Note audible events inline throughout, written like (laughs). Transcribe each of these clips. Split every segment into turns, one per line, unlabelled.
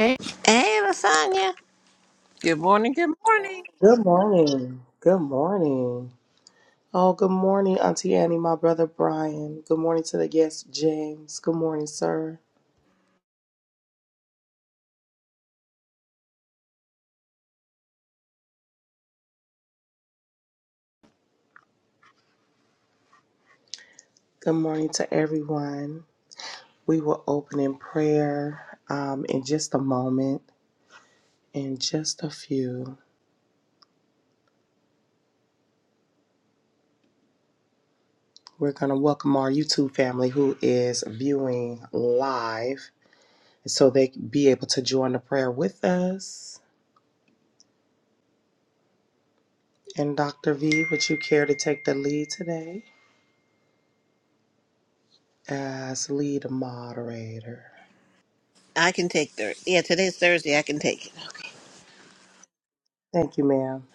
Hey, hey, Lasagna. Good morning. Good morning.
Good morning. Good morning. Oh, good morning, Auntie Annie, my brother Brian. Good morning to the guest, James. Good morning, sir. Good morning to everyone. We will open in prayer um, in just a moment, in just a few. We're going to welcome our YouTube family who is viewing live so they can be able to join the prayer with us. And Dr. V, would you care to take the lead today as lead moderator?
I can take Thursday. Yeah, today's Thursday. I can take it.
Thank you, ma'am.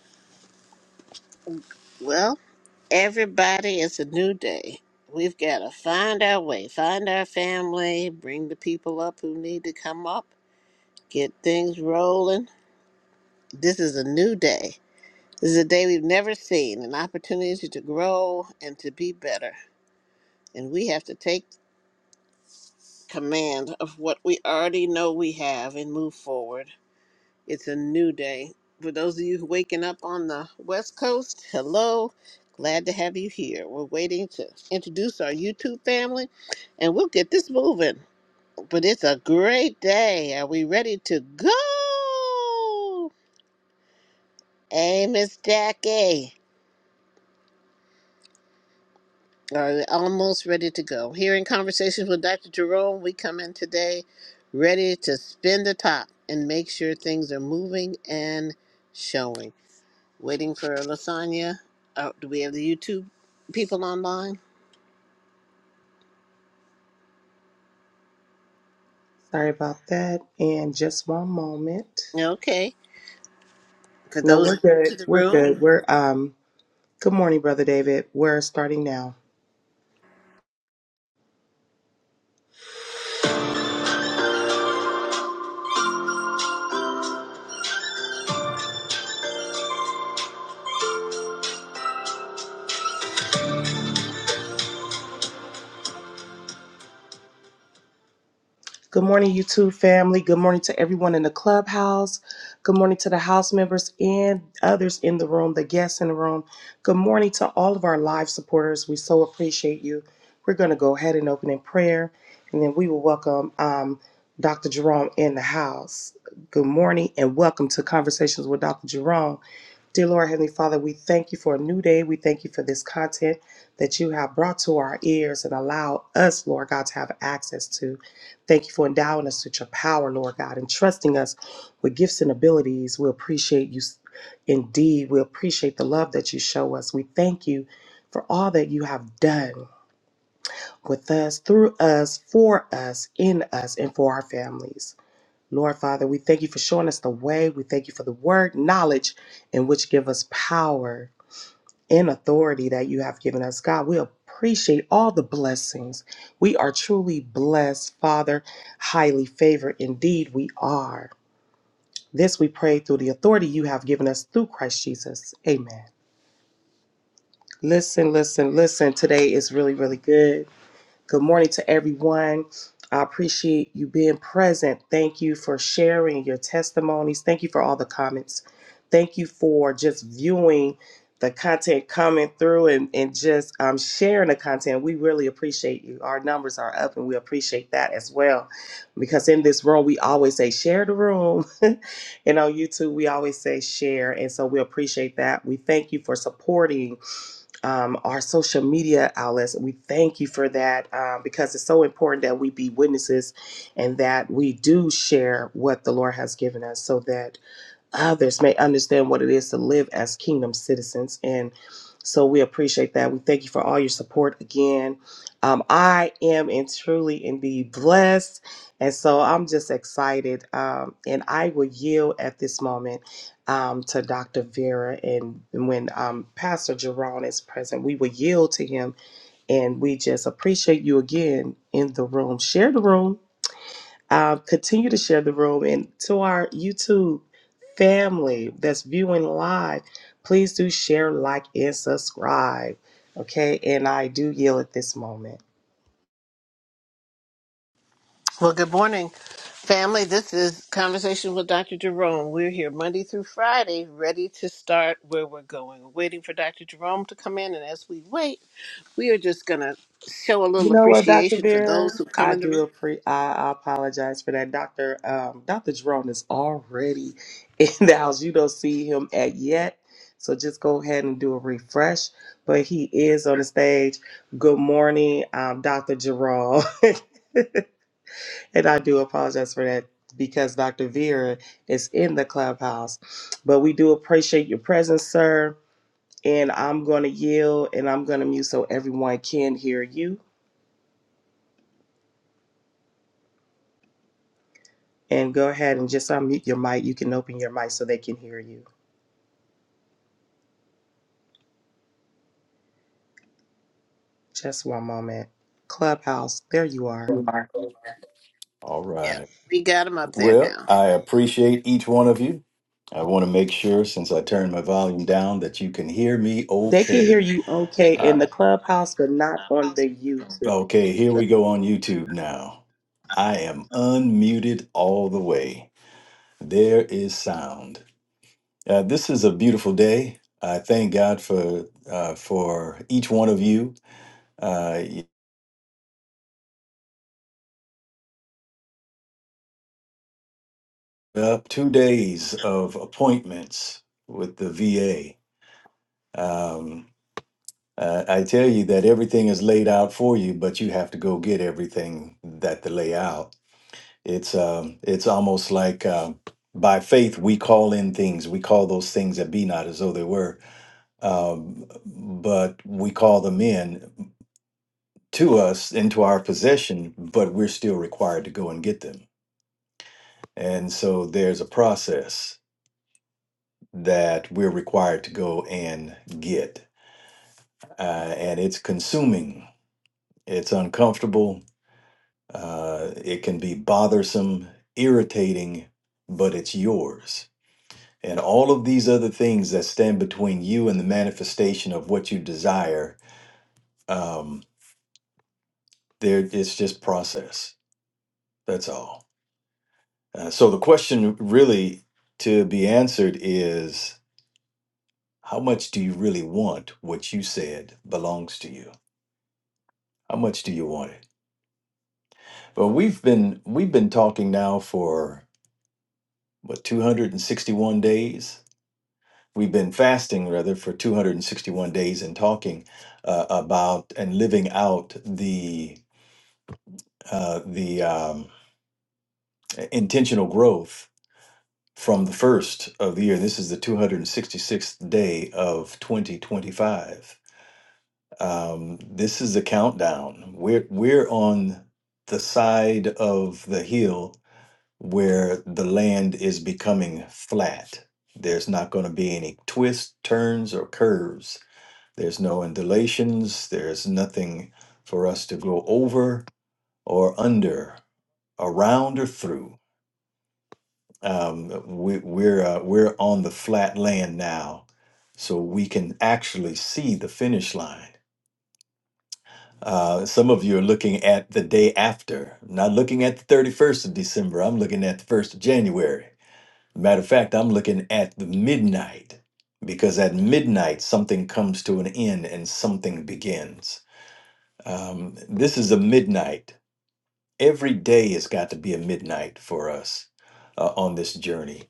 Well, everybody, it's a new day. We've got to find our way, find our family, bring the people up who need to come up, get things rolling. This is a new day. This is a day we've never seen, an opportunity to grow and to be better. And we have to take command of what we already know we have and move forward It's a new day. For those of you who waking up on the West Coast, hello. Glad to have you here. We're waiting to introduce our YouTube family and we'll get this moving. But it's a great day. Are we ready to go? Hey, Miss Jackie. Are we almost ready to go? Here in Conversations with Dr. Jerome, we come in today ready to spin the top and make sure things are moving and showing. Waiting for Lasagna. Oh, do we have the YouTube people online?
Sorry about that. And just one moment.
Okay. For
No, we're
those new
good.
to the
We're
room,
good. We're um good morning, brother David. We're starting now. Good morning, YouTube family. Good morning to everyone in the clubhouse. Good morning to the house members and others in the room, the guests in the room. Good morning to all of our live supporters. We so appreciate you. We're going to go ahead and open in prayer, and then we will welcome um, Dr. Jerome in the house. Good morning and welcome to Conversations with Dr. Jerome. Dear Lord, Heavenly Father, we thank you for a new day. We thank you for this content that you have brought to our ears and allow us, Lord God, to have access to. Thank you for endowing us with your power, Lord God, and trusting us with gifts and abilities. We appreciate you indeed. We appreciate the love that you show us. We thank you for all that you have done with us, through us, for us, in us, and for our families. Lord Father, we thank you for showing us the way. We thank you for the word, knowledge, and which give us power and authority that you have given us. God, we appreciate all the blessings. We are truly blessed, Father, highly favored. Indeed, we are. This we pray through the authority you have given us through Christ Jesus. Amen. Listen, listen, listen. Today is really, really good. Good morning to everyone. I appreciate you being present. Thank you for sharing your testimonies. Thank you for all the comments. Thank you for just viewing the content coming through and, and just um, sharing the content. We really appreciate you. Our numbers are up and we appreciate that as well. Because in this room, we always say, share the room. (laughs) and on YouTube, we always say, share. And so we appreciate that. We thank you for supporting um, our social media outlets. We thank you for that um, because it's so important that we be witnesses and that we do share what the Lord has given us so that others may understand what it is to live as kingdom citizens. And so we appreciate that. We thank you for all your support again. Um, I am and truly indeed blessed. And so I'm just excited. Um, and I will yield at this moment um, to Dr. Vera. And when um, Pastor Jerron is present, we will yield to him. And we just appreciate you again in the room. Share the room um, continue to share the room. And to our YouTube family that's viewing live, please do share, like, and subscribe. Okay. And I do yield at this moment.
well, good morning, family. This is Conversation with Dr. Jerome. We're here Monday through Friday, ready to start where we're going. We're waiting for Dr. Jerome to come in, and as we wait, we are just going to show a
You
little
know what, Dr.
appreciation for
Vera?
those who come
I
in the room.
do appre- I I apologize for that. Dr. Um, Dr. Jerome is already (laughs) in the house. You don't see him at yet. So just go ahead and do a refresh. But he is on the stage. Good morning, um, Dr. Jerome. (laughs) And I do apologize for that because Dr. Vera is in the clubhouse. But we do appreciate your presence, sir. And I'm going to yield and I'm going to mute so everyone can hear you. And go ahead and just unmute your mic. You can open your mic so they can hear you. Just one moment. Clubhouse, there you are.
All
Yeah,
right.
we got them up there
Well,
now.
I appreciate each one of you. I want to make sure, since I turned my volume down, that you can hear me
They can hear
okay.
you okay in
Uh,
the clubhouse, but not on the YouTube.
okay, here we go on YouTube now. I am unmuted all the way. There is sound. Uh, this is a beautiful day. I thank God for uh, for each one of you. Uh, you- up two days of appointments with the VA. Um, Uh, I tell you that everything is laid out for you, but you have to go get everything that they lay out. It's um, it's almost like uh, by faith we call in things. We call those things that be not as though they were, um, but we call them in to us into our possession. But we're still required to go and get them. And so there's a process that we're required to go and get, uh, and it's consuming. It's uncomfortable Uh, it can be bothersome, irritating, but it's yours. And all of these other things that stand between you and the manifestation of what you desire, um, there it's just process. That's all. Uh, so the question really to be answered is how much do you really want what you said belongs to you? How much do you want it? Well, we've been we've been talking now for what 261 days We've been fasting rather for 261 days and talking uh, about and living out the uh, the um, intentional growth from the first of the year. This is the 266th day of 2025. Um, this is the countdown. We're we're on the side of the hill where the land is becoming flat. There's not going to be any twists, turns, or curves There's no undulations. There's nothing for us to go over or under, around or through. Um, we, we're uh, we're on the flat land now, so we can actually see the finish line. Uh, some of you are looking at the day after, not looking at the 31st of December. I'm looking at the 1st of January. Matter of fact, I'm looking at the midnight because at midnight something comes to an end and something begins Um, this is a midnight. Every day has got to be a midnight for us uh, on this journey.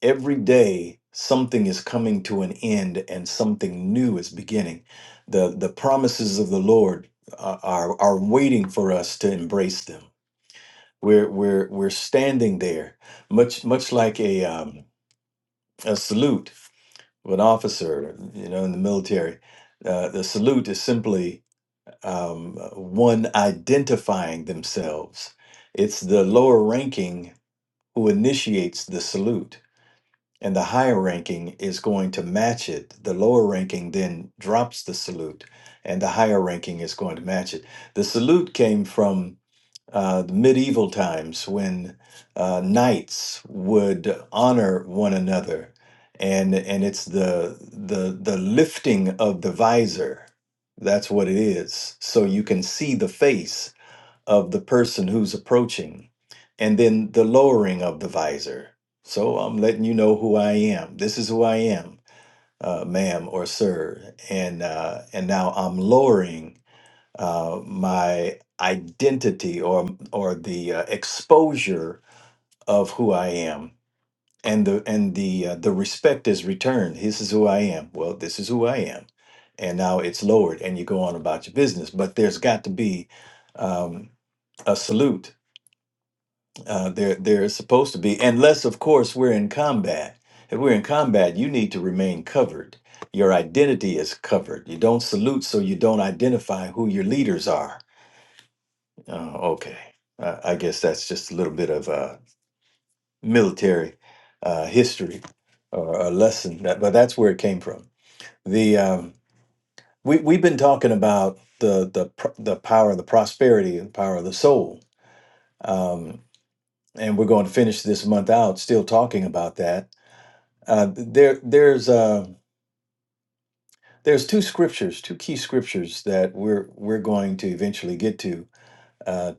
Every day, something is coming to an end and something new is beginning. The, the promises of the Lord uh, are, are waiting for us to embrace them. We're, we're, we're standing there, much, much like a, um, a salute of an officer, you know, in the military. Uh, the salute is simply um, one identifying themselves. It's the lower ranking who initiates the salute, and the higher ranking is going to match it. The lower ranking then drops the salute, and the higher ranking is going to match it. The salute came from uh, the medieval times when uh, knights would honor one another, and and it's the the the lifting of the visor. That's what it is. So you can see the face of the person who's approaching, and then the lowering of the visor. So I'm letting you know who I am. This is who I am, uh, ma'am or sir, and uh, and now I'm lowering uh, my identity or or the uh, exposure of who I am, and the and the uh, the respect is returned. This is who I am. Well, this is who I am, and now it's lowered, and you go on about your business. But there's got to be um, a salute. Uh, there there is supposed to be, unless of course we're in combat. If we're in combat, you need to remain covered. Your identity is covered. You don't salute, so you don't identify who your leaders are Oh, okay. Uh, I guess that's just a little bit of uh, military uh, history or a lesson, that, but that's where it came from. The um, we we've been talking about the the pr- the power, the prosperity, and the power of the soul, um, and we're going to finish this month out still talking about that. Uh, there there's uh, there's two scriptures, two key scriptures that we're we're going to eventually get to uh,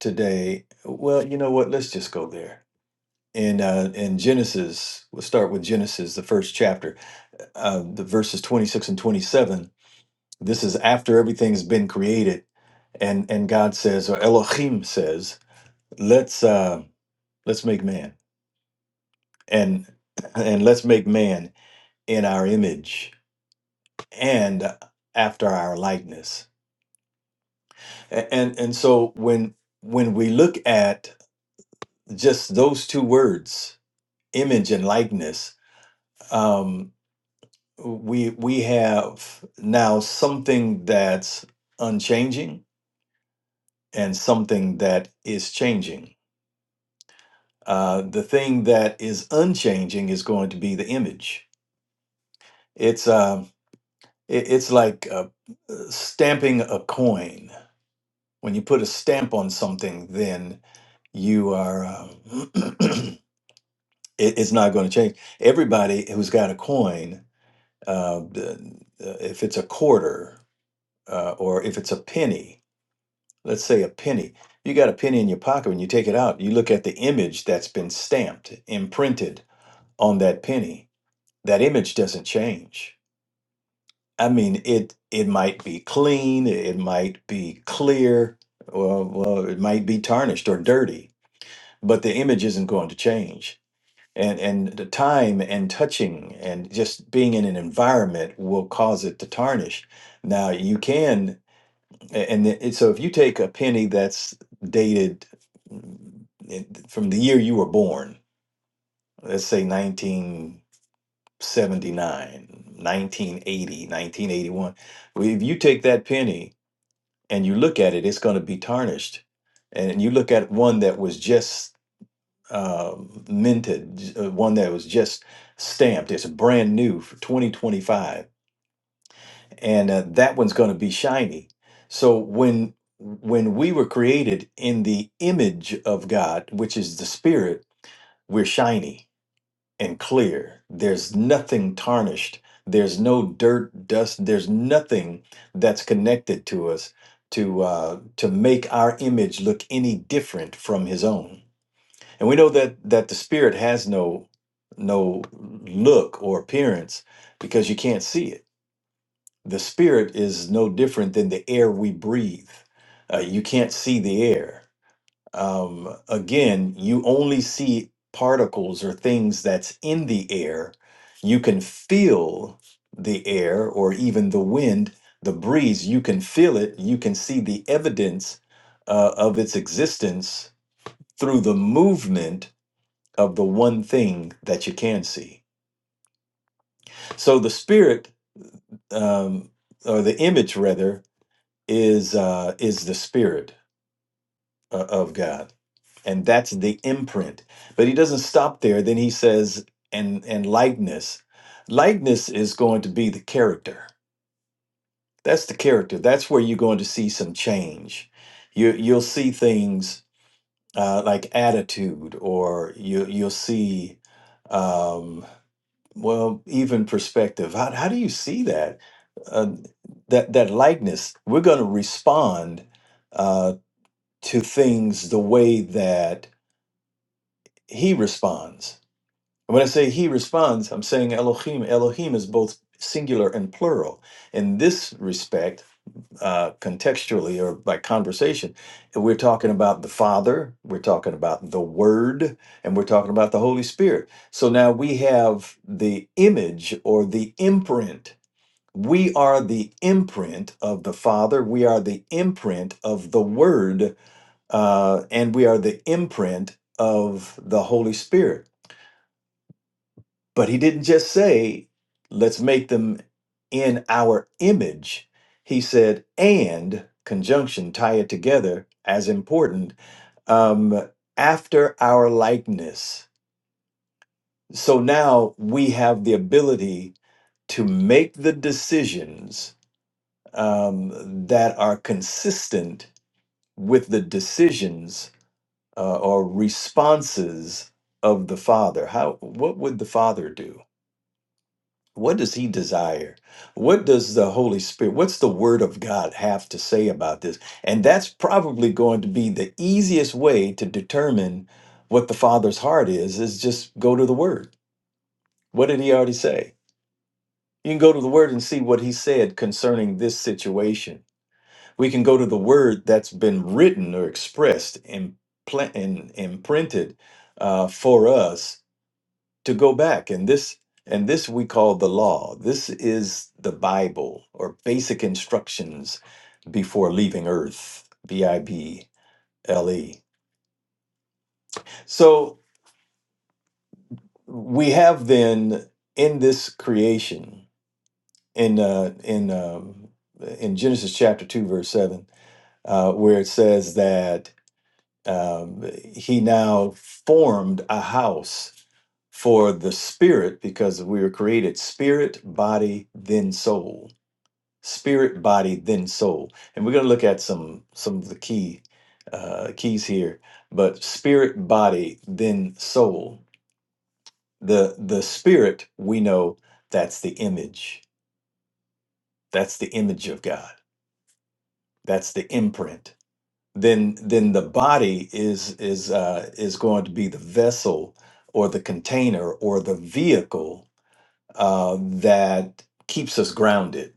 today. Well, you know what? Let's just go there in uh, in Genesis. We'll start with Genesis, the first chapter, uh, the verses twenty six and twenty seven. This is after everything's been created, and and God says, or Elohim says, let's uh, let's make man, and and let's make man in our image and after our likeness. A- And and so when when we look at just those two words, image and likeness. um, we we have now something that's unchanging and something that is changing. Uh, the thing that is unchanging is going to be the image. It's uh, it, it's like uh, stamping a coin. When you put a stamp on something, then you are uh, (clears throat) it, it's not going to change. Everybody who's got a coin, uh, the- uh, if it's a quarter uh, or if it's a penny let's say a penny. You got a penny in your pocket. When you take it out, you look at the image that's been stamped, imprinted on that penny. That image doesn't change. I mean, it it might be clean, it might be clear, well, well, it might be tarnished or dirty, but the image isn't going to change. And and the time and touching and just being in an environment will cause it to tarnish. Now you can a- And the- so if you take a penny that's dated mm, it- from the year you were born, let's say nineteen seventy-nine, nineteen eighty, nineteen eighty-one, well, if you take that penny and you look at it, it's going to be tarnished. And you look at one that was just uh, minted, j- uh, one that was just stamped, it's brand new for 2025 and uh, that one's going to be shiny so when when we were created in the image of god which is the spirit we're shiny and clear there's nothing tarnished there's no dirt dust there's nothing that's connected to us to uh, to make our image look any different from his own and we know that that the spirit has no no look or appearance because you can't see it the spirit is no different than the air we breathe. Uh, you can't see the air. Um, again, you only see particles or things that's in the air. You can feel the air or even the wind, the breeze. You can feel it. You can see the evidence uh, of its existence through the movement of the one thing that you can see. So the spirit, um, or the image rather, is uh, is the spirit uh, of God, and that's the imprint. But he doesn't stop there. Then he says, and and likeness, likeness is going to be the character. That's the character. That's where you're going to see some change. You you'll see things uh, like attitude, or you you'll see, um, well, even perspective. How how do you see that? Uh, that that likeness. We're going to respond uh, to things the way that he responds. And when I say he responds, I'm saying Elohim. Elohim is both singular and plural. In this respect, uh, contextually or by conversation, we're talking about the Father, we're talking about the Word, and we're talking about the Holy Spirit. So now we have the image or the imprint. We are the imprint of the Father, we are the imprint of the Word, uh, and we are the imprint of the Holy Spirit. But he didn't just say, let's make them in our image. He said, and conjunction, tie it together as important, um, after our likeness. So now we have the ability to make the decisions um, that are consistent with the decisions uh, or responses of the Father. How what would the Father do? What does he desire? What does the Holy Spirit, what's the Word of God have to say about this? And that's probably going to be the easiest way to determine what the Father's heart is, is just go to the Word. What did he already say? You can go to the Word and see what he said concerning this situation. We can go to the Word that's been written or expressed and, pla- and imprinted uh, for us to go back and this and this we call the law this is the bible or basic instructions before leaving earth b-i-b-l-e so we have then in this creation in uh in um in genesis chapter 2 verse 7 uh where it says that um he now formed a house for the spirit because we were created spirit body then soul spirit body then soul and we're going to look at some some of the key uh keys here but spirit body then soul the the spirit we know that's the image that's the image of god that's the imprint then then the body is is uh is going to be the vessel or the container or the vehicle uh that keeps us grounded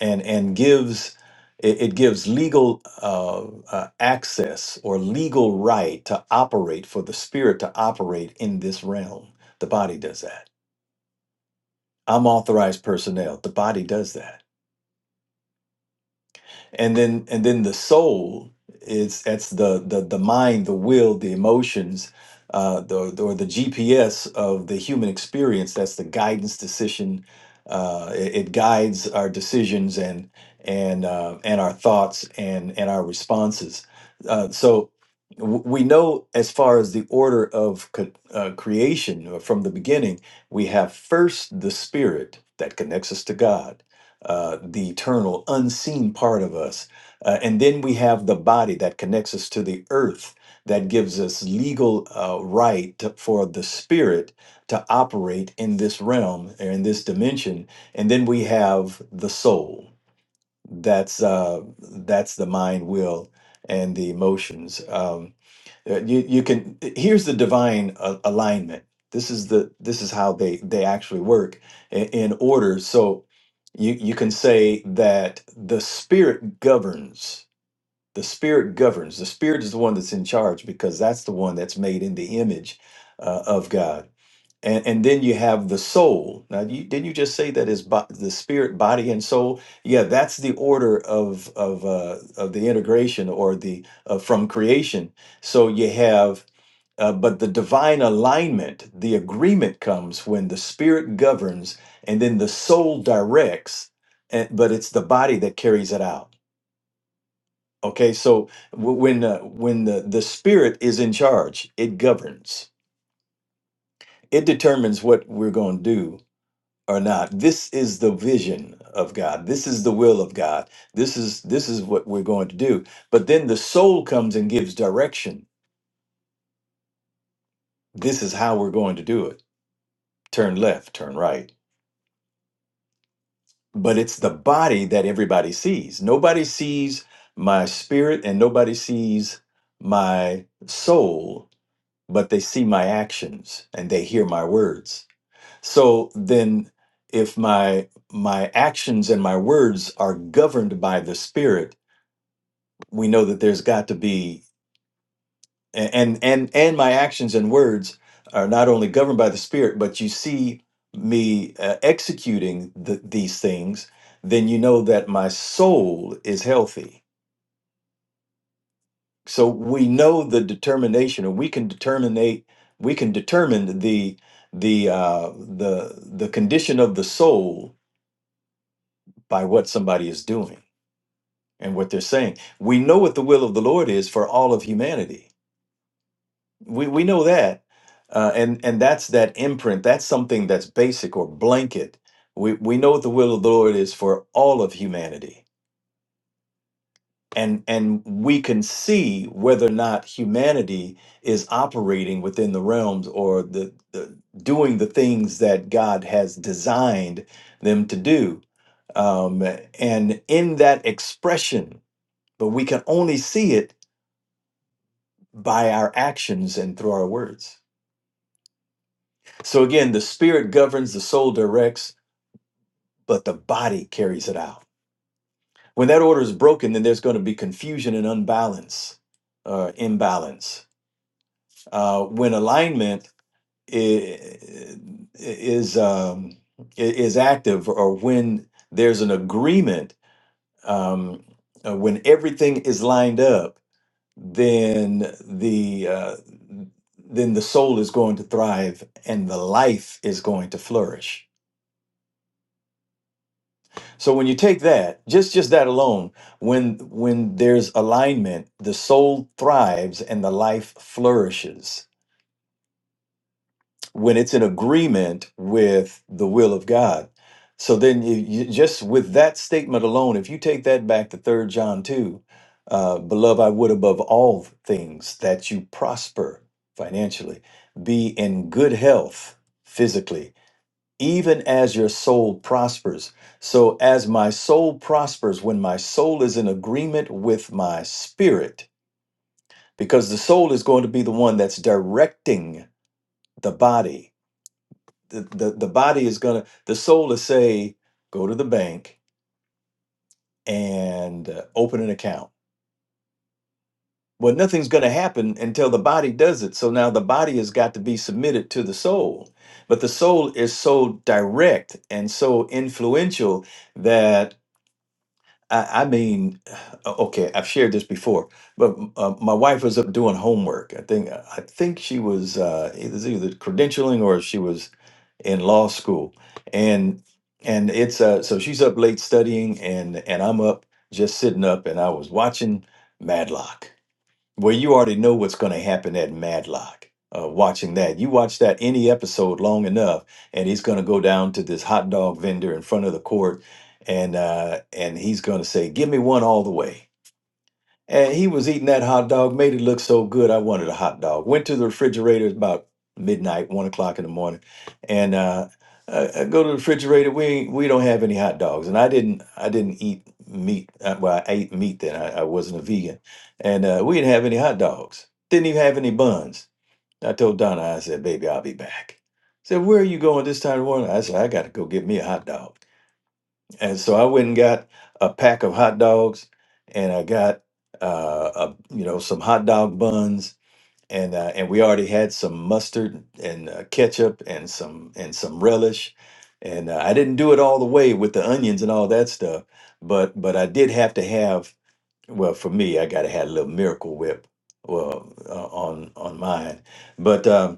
and and gives it, it gives legal uh, uh, access or legal right to operate for the spirit to operate in this realm. The body does that. I'm authorized personnel. The body does that and then and then the soul is that's the the the mind the will the emotions uh the, the- or the gps of the human experience that's the guidance decision uh it, it guides our decisions and and uh and our thoughts and and our responses uh so w- we know as far as the order of co- uh, creation uh, from the beginning we have first the spirit that connects us to god uh, the eternal, unseen part of us. Uh, and then we have the body that connects us to the earth, that gives us legal uh, right to- for the spirit to operate in this realm or in this dimension. And then we have the soul that's uh that's the mind will and the emotions um uh, you you can here's the divine uh, alignment this is the this is how they they actually work in, in order so you you can say that the spirit governs the spirit governs the spirit is the one that's in charge because that's the one that's made in the image uh, of god and, and then you have the soul now you, didn't you just say that is bo- the spirit body and soul yeah that's the order of of uh, of the integration or the uh, from creation so you have uh, but the divine alignment the agreement comes when the spirit governs and then the soul directs and, but it's the body that carries it out Okay, so w- when uh, when the the spirit is in charge, it governs. It determines what we're going to do or not. This is the vision of God. This is the will of God. This is this is what we're going to do. But then the soul comes and gives direction. This is how we're going to do it. Turn left, turn right. But it's the body that everybody sees. Nobody sees my spirit and nobody sees my soul but they see my actions and they hear my words so then if my my actions and my words are governed by the spirit we know that there's got to be a- and and and my actions and words are not only governed by the spirit but you see me uh, executing the, these things then you know that my soul is healthy so we know the determination or we can determine we can determine the the uh the the condition of the soul by what somebody is doing and what they're saying we know what the will of the lord is for all of humanity we we know that uh, and and that's that imprint that's something that's basic or blanket we we know what the will of the lord is for all of humanity and and we can see whether or not humanity is operating within the realms or the, the doing the things that God has designed them to do. Um, and in that expression, but we can only see it by our actions and through our words. So again, the spirit governs, the soul directs, but the body carries it out. When that order is broken, then there's going to be confusion and unbalance, uh, imbalance uh, when alignment is is, um, is active, or when there's an agreement, um, uh, when everything is lined up, then the uh, then the soul is going to thrive and the life is going to flourish. So when you take that, just just that alone, when when there's alignment, the soul thrives and the life flourishes when it's in agreement with the will of God. So then, you, you just with that statement alone, if you take that back to Third John two, uh, beloved, I would above all things that you prosper financially, be in good health physically, even as your soul prospers. So as my soul prospers, when my soul is in agreement with my spirit, because the soul is going to be the one that's directing the body the, the, the body is going to, the soul is say, go to the bank and uh, open an account. Well, nothing's going to happen until the body does it. So now the body has got to be submitted to the soul. But the soul is so direct and so influential that I, I mean, uh, okay, I've shared this before, but uh, my wife was up doing homework. I think uh, I think she was uh, it was either credentialing or she was in law school, and and it's uh, so she's up late studying, and and I'm up just sitting up, and I was watching Madlock where you already know what's going to happen at Madlock. Uh, watching that, you watch that any episode long enough, and he's going to go down to this hot dog vendor in front of the court, and uh, and he's going to say, "Give me one all the way." And he was eating that hot dog, made it look so good. I wanted a hot dog. Went to the refrigerator about midnight, one o'clock in the morning, and uh, I, I go to the refrigerator. We we don't have any hot dogs, and I didn't I didn't eat meat. Uh, Well, I ate meat then. I, I wasn't a vegan, and uh, we didn't have any hot dogs. Didn't even have any buns. I told Donna, I said, "Baby, I'll be back." said, "Where are you going this time of morning?" I said, "I got to go get me a hot dog." and so I went and got a pack of hot dogs, and I got uh, a, you know some hot dog buns, and uh, and we already had some mustard and uh, ketchup and some and some relish, and uh, I didn't do it all the way with the onions and all that stuff, but but I did have to have well for me I got to have a little Miracle Whip well uh, on on mine, but. Um,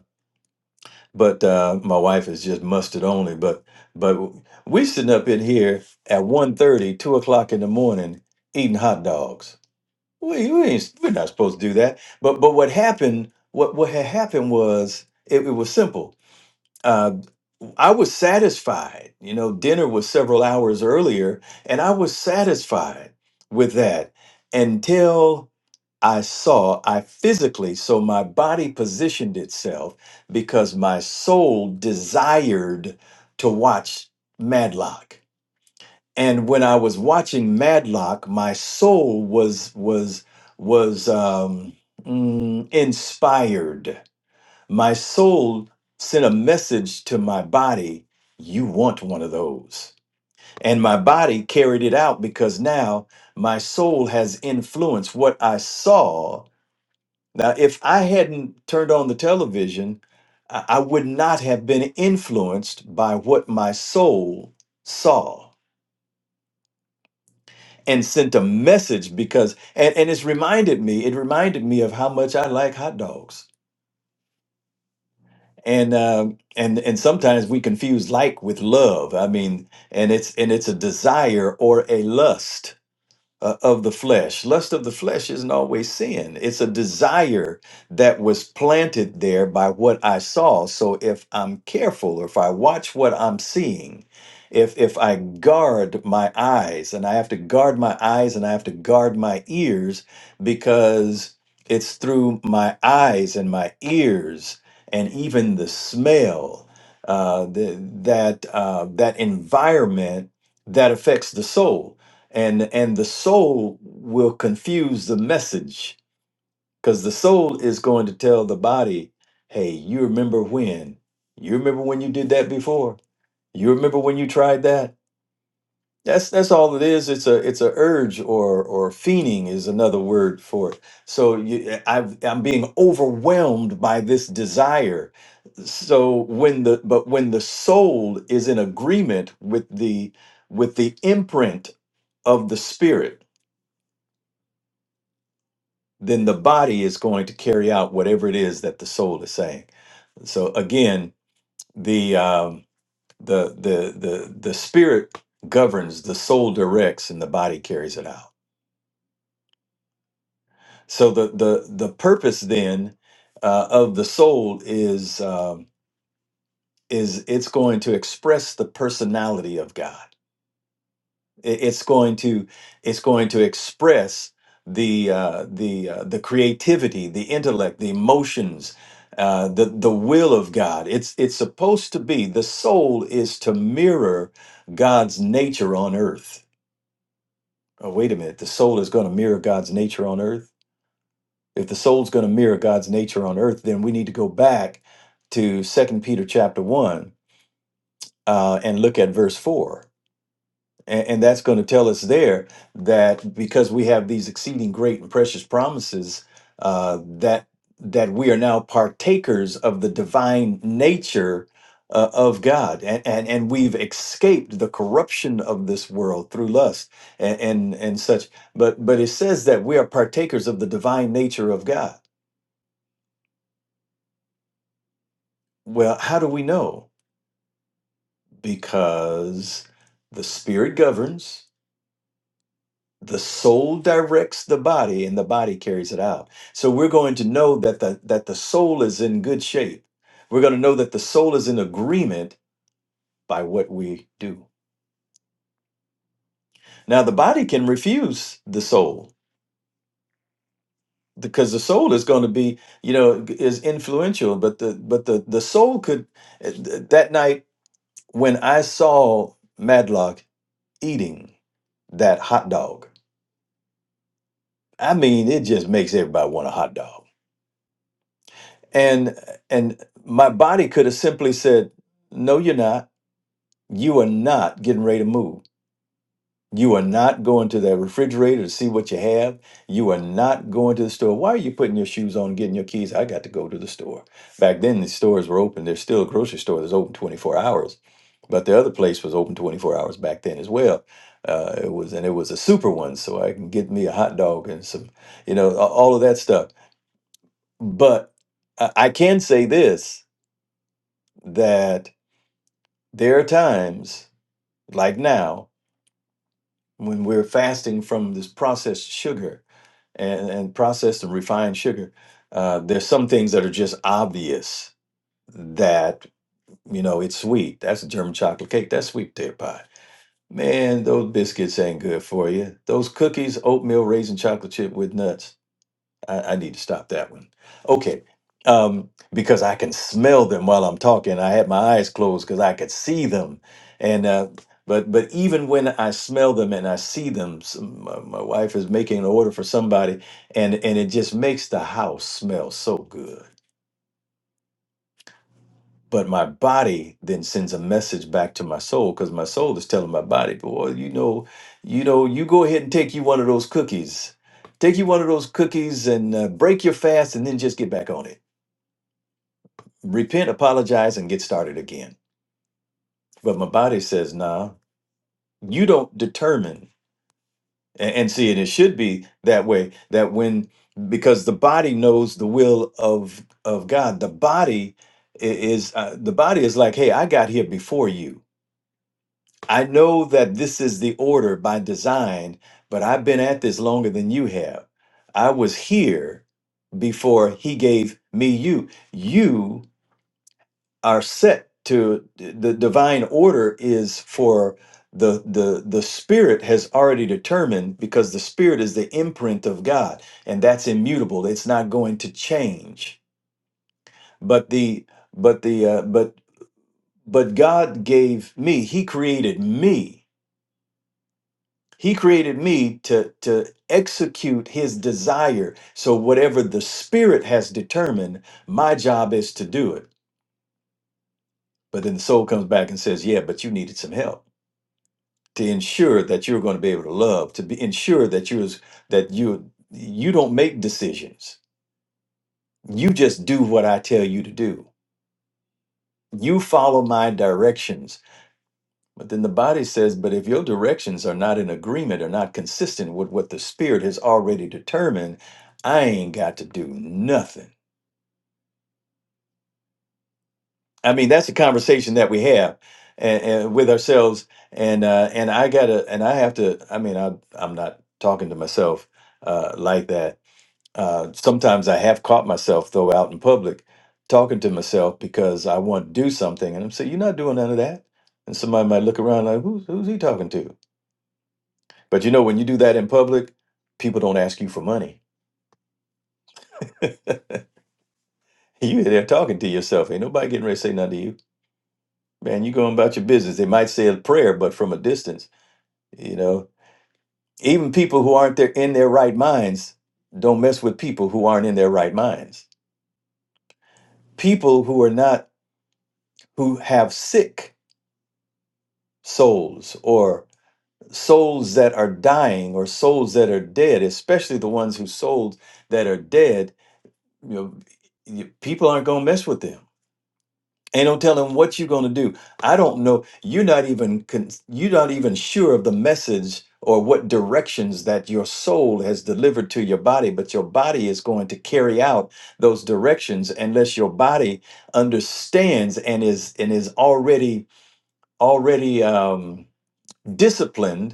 but uh, my wife is just mustard only. But but we sitting up in here at one thirty, two o'clock in the morning eating hot dogs. We, we ain't, we're not supposed to do that. But but what happened? What what had happened was it, it was simple. Uh, I was satisfied. You know, dinner was several hours earlier, and I was satisfied with that until I saw, I physically, so my body positioned itself because my soul desired to watch Madlock. And when I was watching Madlock, my soul was was was um, mm, inspired. My soul sent a message to my body: "You want one of those." And my body carried it out because now my soul has influenced what I saw now, if I hadn't turned on the television, I I would not have been influenced by what my soul saw and sent a message because, and, and it's reminded me, it reminded me of how much I like hot dogs. And, um, and and sometimes we confuse like with love. I mean, and it's and it's a desire or a lust uh, of the flesh. Lust of the flesh isn't always sin. It's a desire that was planted there by what I saw. So if I'm careful, or if I watch what I'm seeing, if if I guard my eyes, and I have to guard my eyes and I have to guard my ears because it's through my eyes and my ears and even the smell uh, the, that uh, that environment that affects the soul and and the soul will confuse the message because the soul is going to tell the body hey you remember when you remember when you did that before you remember when you tried that that's that's all it is it's a it's a urge or or fiending is another word for it so you, I've, i'm being overwhelmed by this desire so when the but when the soul is in agreement with the with the imprint of the spirit then the body is going to carry out whatever it is that the soul is saying. So again, the um, the the the the spirit governs, the soul directs, and the body carries it out. So the the the purpose then uh, of the soul is um, is it's going to express the personality of God. It- It's going to it's going to express the uh, the uh, the creativity, the intellect, the emotions, uh, the the will of God. It's it's supposed to be the soul is to mirror God's nature on earth. Oh, wait a minute. The soul is going to mirror God's nature on earth. If the soul's going to mirror God's nature on earth, then we need to go back to Second Peter chapter one uh, and look at verse four And, and that's going to tell us there that because we have these exceeding great and precious promises, uh, that that we are now partakers of the divine nature uh, of God, and, and and we've escaped the corruption of this world through lust and, and and such. But but it says that we are partakers of the divine nature of God. Well, how do we know? Because the Spirit governs the soul directs the body and the body carries it out so we're going to know that the that the soul is in good shape we're going to know that the soul is in agreement by what we do now the body can refuse the soul because the soul is going to be you know is influential but the but the the soul could that night when i saw madlock eating that hot dog i mean it just makes everybody want a hot dog and and my body could have simply said no you're not you are not getting ready to move you are not going to that refrigerator to see what you have you are not going to the store why are you putting your shoes on getting your keys i got to go to the store back then the stores were open there's still a grocery store that's open 24 hours but the other place was open 24 hours back then as well uh, it was and it was a super one so i can get me a hot dog and some you know a- all of that stuff but i, I can say this that there are times like now when we're fasting from this processed sugar and, and processed and refined sugar uh, there's some things that are just obvious that you know it's sweet that's a german chocolate cake that's sweet potato pie man those biscuits ain't good for you those cookies oatmeal raisin chocolate chip with nuts I, I need to stop that one. Okay. Um, because I can smell them while I'm talking. I had my eyes closed because I could see them. And, uh, but, but even when I smell them and I see them, some, my, my wife is making an order for somebody and, and it just makes the house smell so good. But my body then sends a message back to my soul because my soul is telling my body, boy, you know, you know, you go ahead and take you one of those cookies, take you one of those cookies and uh, break your fast and then just get back on it repent, apologize, and get started again. But my body says, nah, you don't determine. And, and see, and it should be that way that when, because the body knows the will of, of God, the body i- is, uh, the body is like, hey, I got here before you. I know that this is the order by design, but I've been at this longer than you have. I was here before he gave me you. You are set to the divine order is for the the the spirit has already determined because the spirit is the imprint of God and that's immutable it's not going to change but the but the uh, but but God gave me he created me he created me to to execute his desire so whatever the spirit has determined my job is to do it but then the soul comes back and says yeah but you needed some help to ensure that you're going to be able to love to be ensure that you're as- that you you don't make decisions you just do what i tell you to do you follow my directions but then the body says but if your directions are not in agreement or not consistent with what the spirit has already determined i ain't got to do nothing i mean that's a conversation that we have and, and with ourselves and uh and i gotta and i have to i mean i i'm not talking to myself uh like that Uh, sometimes I have caught myself though out in public talking to myself because I want to do something, and I'm saying, "You're not doing none of that." And somebody might look around like, "Who's who's he talking to?" But you know, when you do that in public, people don't ask you for money. (laughs) you there talking to yourself. Ain't nobody getting ready to say nothing to you, man. You going about your business. They might say a prayer, but from a distance. You know, even people who aren't there in their right minds don't mess with people who aren't in their right minds. People who are not who have sick souls or souls that are dying or souls that are dead especially the ones whose souls that are dead you know you- people aren't going to mess with them ain't no telling what you're going to do i don't know you're not even con- you're not even sure of the message or what directions that your soul has delivered to your body but your body is going to carry out those directions unless your body understands and is and is already already um disciplined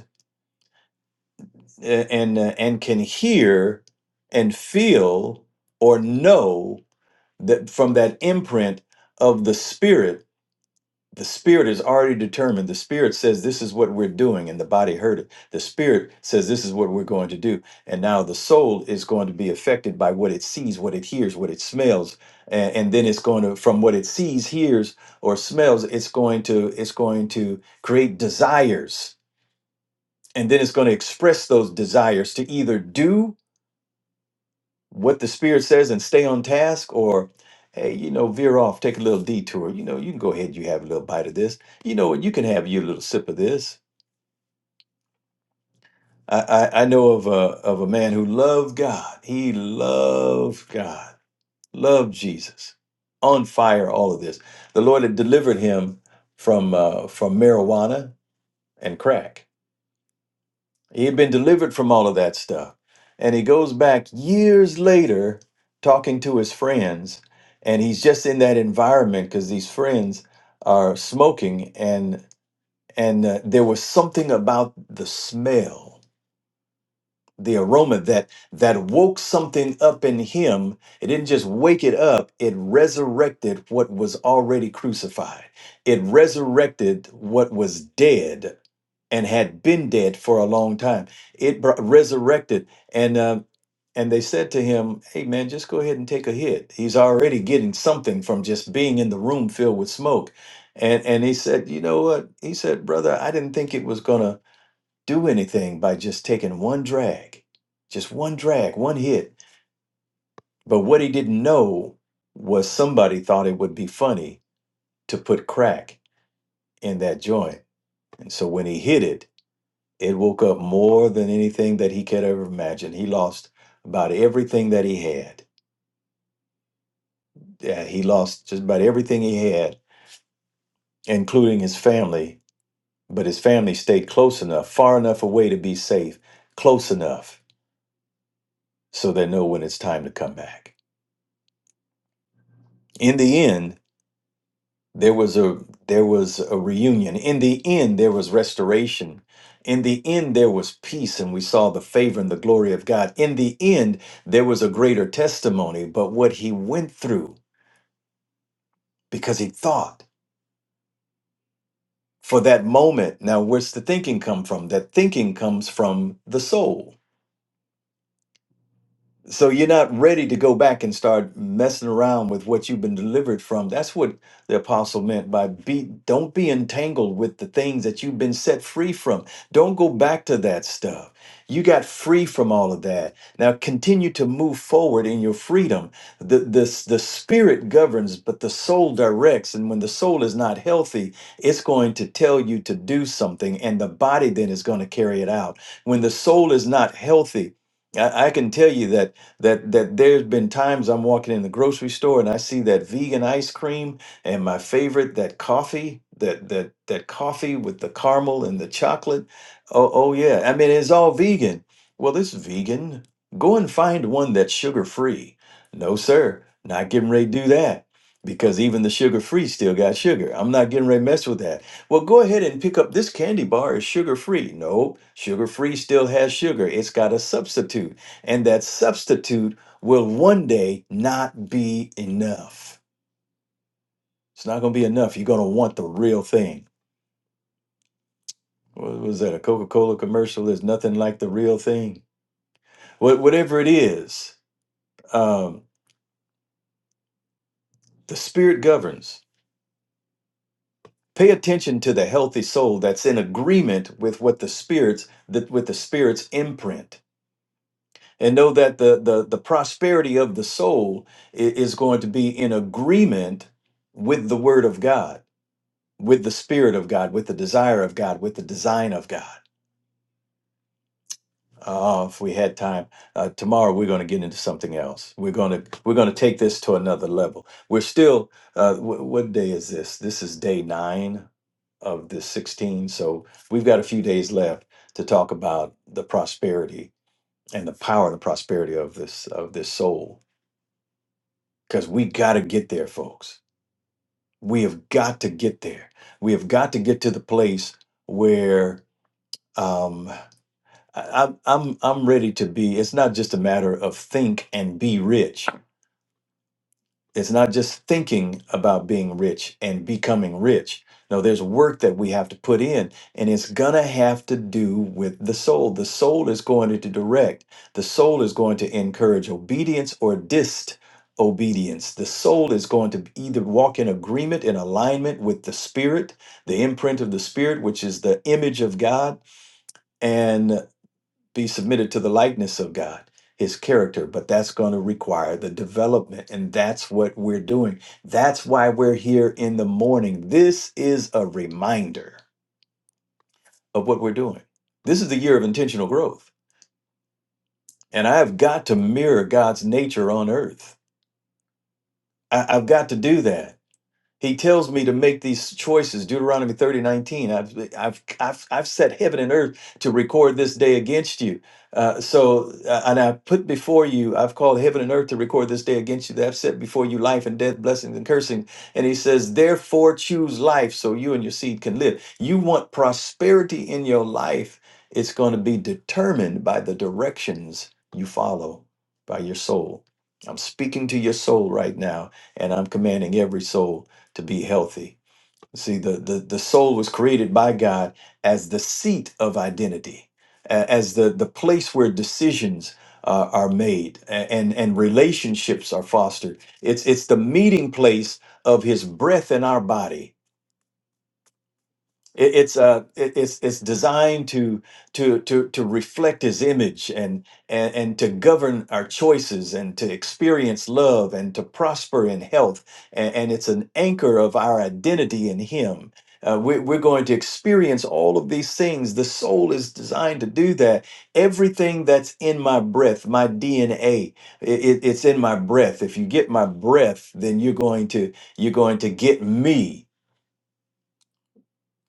uh, and uh, and can hear and feel or know that from that imprint of the spirit the spirit is already determined the spirit says this is what we're doing and the body heard it the spirit says this is what we're going to do and now the soul is going to be affected by what it sees what it hears what it smells and, and then it's going to from what it sees hears or smells it's going to it's going to create desires and then it's going to express those desires to either do what the spirit says and stay on task or hey you know veer off take a little detour you know you can go ahead you have a little bite of this you know what you can have your little sip of this i i, I know of a of a man who loved god he loved god loved jesus on fire all of this the lord had delivered him from uh from marijuana and crack He had been delivered from all of that stuff. And he goes back years later talking to his friends, and he's just in that environment because these friends are smoking and and uh, there was something about the smell the aroma that that woke something up in him it didn't just wake it up it resurrected what was already crucified it resurrected what was dead and had been dead for a long time it br- resurrected and um, and they said to him hey man just go ahead and take a hit he's already getting something from just being in the room filled with smoke and and he said you know what he said brother i didn't think it was gonna do anything by just taking one drag, just one drag, one hit. But what he didn't know was somebody thought it would be funny to put crack in that joint. And so when he hit it, it woke up more than anything that he could ever imagine. He lost about everything that he had. Yeah, he lost just about everything he had, including his family. But his family stayed close enough, far enough away to be safe, close enough so they know when it's time to come back. In the end, there was a there was a reunion in the end there was restoration in the end there was peace and we saw the favor and the glory of god in the end there was a greater testimony but what he went through because he thought for that moment now where's the thinking come from that thinking comes from the soul So you're not ready to go back and start messing around with what you've been delivered from. That's what the apostle meant by be don't be entangled with the things that you've been set free from. Don't go back to that stuff. You got free from all of that. Now continue to move forward in your freedom. The the, the spirit governs, but the soul directs. And when the soul is not healthy, it's going to tell you to do something, and the body then is going to carry it out. When the soul is not healthy, I, I can tell you that that that there's been times I'm walking in the grocery store and I see that vegan ice cream and my favorite that coffee that that that coffee with the caramel and the chocolate oh oh yeah I mean it's all vegan well it's vegan go and find one that's sugar free no sir not getting ready to do that because even the sugar free still got sugar I'm not getting ready to mess with that well go ahead and pick up this candy bar is sugar free no sugar free still has sugar it's got a substitute and that substitute will one day not be enough. It's not going to be enough. You're going to want the real thing. What was that? A Coca Cola commercial is nothing like the real thing. What, whatever it is, um, the Spirit governs. Pay attention to the healthy soul that's in agreement with what the spirits that with the spirit's imprint, and know that the the, the prosperity of the soul i- is going to be in agreement with the Word of God with the spirit of God, with the desire of God, with the design of God. Oh, if we had time, uh, tomorrow we're going to get into something else. We're going to we're going to take this to another level. We're still. Uh, w- what day is this? This is day nine of the 16. So we've got a few days left to talk about the prosperity and the power and the prosperity of this of this soul. Because we got to get there, folks. We have got to get there. We have got to get to the place where. Um, I- I'm I'm I'm ready to be. It's not just a matter of think and be rich. It's not just thinking about being rich and becoming rich. No, there's work that we have to put in, and it's gonna have to do with the soul. The soul is going to direct. The soul is going to encourage obedience or disobedience. The soul is going to either walk in agreement, in alignment with the spirit, the imprint of the spirit, which is the image of God, be submitted to the likeness of God, his character, but that's going to require the development. And that's what we're doing. That's why we're here in the morning. This is a reminder of what we're doing. This is the year of intentional growth. And I have got to mirror God's nature on earth. I, I've got to do that. He tells me to make these choices. Deuteronomy 3019 I've, I've, I've, I've set heaven and earth to record this day against you. Uh, so, uh, and I put before you, I've called heaven and earth to record this day against you. That I've set before you life and death, blessings and cursing. And he says, therefore choose life so you and your seed can live. You want prosperity in your life. It's going to be determined by the directions you follow by your soul. I'm speaking to your soul right now, and I'm commanding every soul to be healthy. See, the, the, the soul was created by God as the seat of identity, a- as the, the place where decisions uh, are made a- and, and relationships are fostered. It's, it's the meeting place of his breath in our body it, it's uh, it, it's it's designed to to to to reflect His image and, and and to govern our choices and to experience love and to prosper in health and, and it's an anchor of our identity in Him. Uh, we, we're going to experience all of these things. The soul is designed to do that. Everything that's in my breath, my DNA, it's in my breath. If you get my breath, then you're going to you're going to get me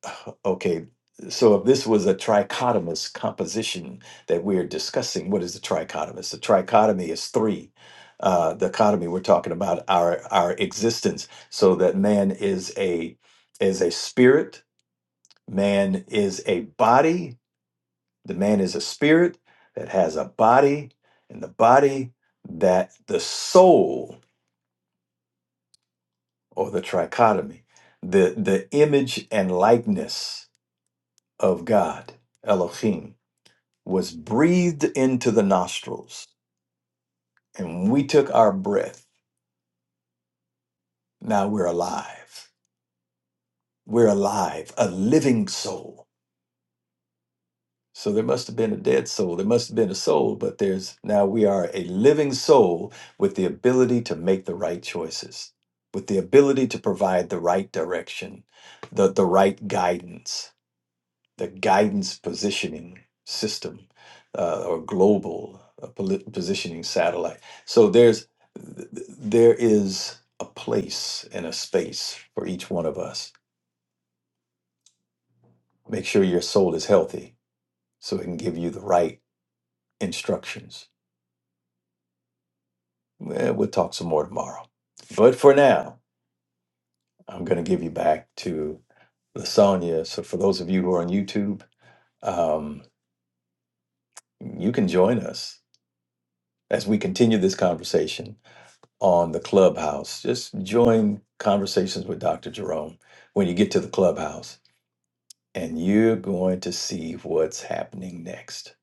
(sighs) Okay, so if this was a trichotomous composition that we're discussing, what is a trichotomous? A trichotomy is three. Uh, the economy we're talking about our our existence. So that man is a is a spirit. Man is a body. The man is a spirit that has a body, and the body that the soul or the trichotomy, the the image and likeness of God, Elohim was breathed into the nostrils, and when we took our breath. Now we're alive. We're alive, a living soul. So there must have been a dead soul. There must have been a soul, but there's now we are a living soul with the ability to make the right choices, with the ability to provide the right direction, the, the right guidance the guidance positioning system uh, or global uh, poli- positioning satellite. So there's there is a place and a space for each one of us. Make sure your soul is healthy so it can give you the right instructions. Eh, We'll talk some more tomorrow. But for now, I'm going to give you back to Lasagna. So for those of you who are on YouTube, um, you can join us as we continue this conversation on the clubhouse. Just join conversations with Dr. Jerome when you get to the clubhouse, and you're going to see what's happening next.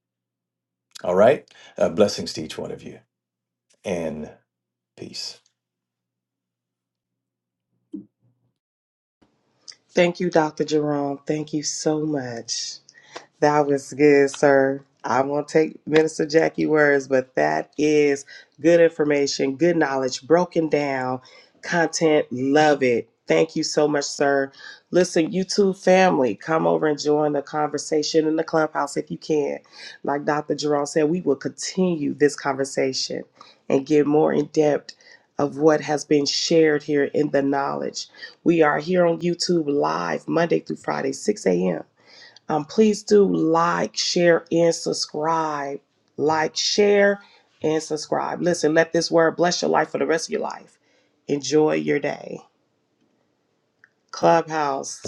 All right? Uh, blessings to each one of you and peace.
Thank you, Dr. Jerome. Thank you so much. That was good, sir. I won't take Minister Jackie words, but that is good information, good knowledge, broken down content. Love it. Thank you so much, sir. Listen, YouTube family, come over and join the conversation in the clubhouse if you can. Like Dr. Jerome said, we will continue this conversation and get more in depth of what has been shared here in the knowledge. We are here on YouTube live Monday through Friday, 6 a.m. Um, please do like, share, and subscribe. Like, share, and subscribe. Listen, let this word bless your life for the rest of your life. Enjoy your day. Clubhouse.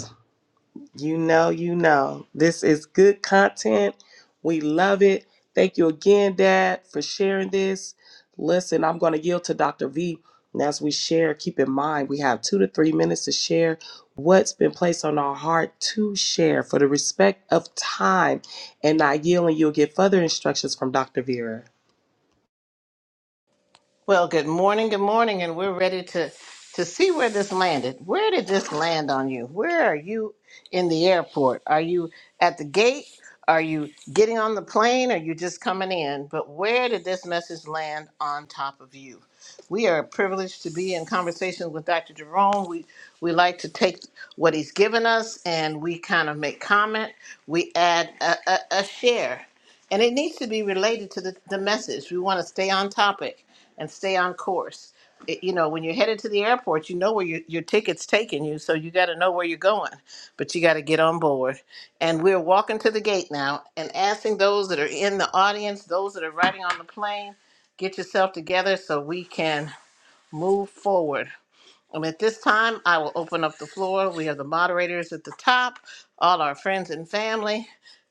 You know, you know. This is good content. We love it. Thank you again, Dad, for sharing this. Listen, I'm going to yield to Dr. V. And as we share, keep in mind we have two to three minutes to share what's been placed on our heart to share for the respect of time. And I yield, and you'll get further instructions from Dr. Vera.
Well, good morning, good morning, and we're ready to to see where this landed. Where did this land on you? Where are you in the airport? Are you at the gate? Are you getting on the plane? Are you just coming in? But where did this message land on top of you? We are privileged to be in conversation with Dr. Jerome. We we like to take what he's given us and we kind of make comment. We add a, a, a share, and it needs to be related to the, the message. We want to stay on topic and stay on course. It- you know, when you're headed to the airport, you know where your your ticket's taking you, so you got to know where you're going, but you got to get on board. And we're walking to the gate now and asking those that are in the audience, those that are riding on the plane, get yourself together so we can move forward um, At this time, I will open up the floor. We have the moderators at the top, all our friends and family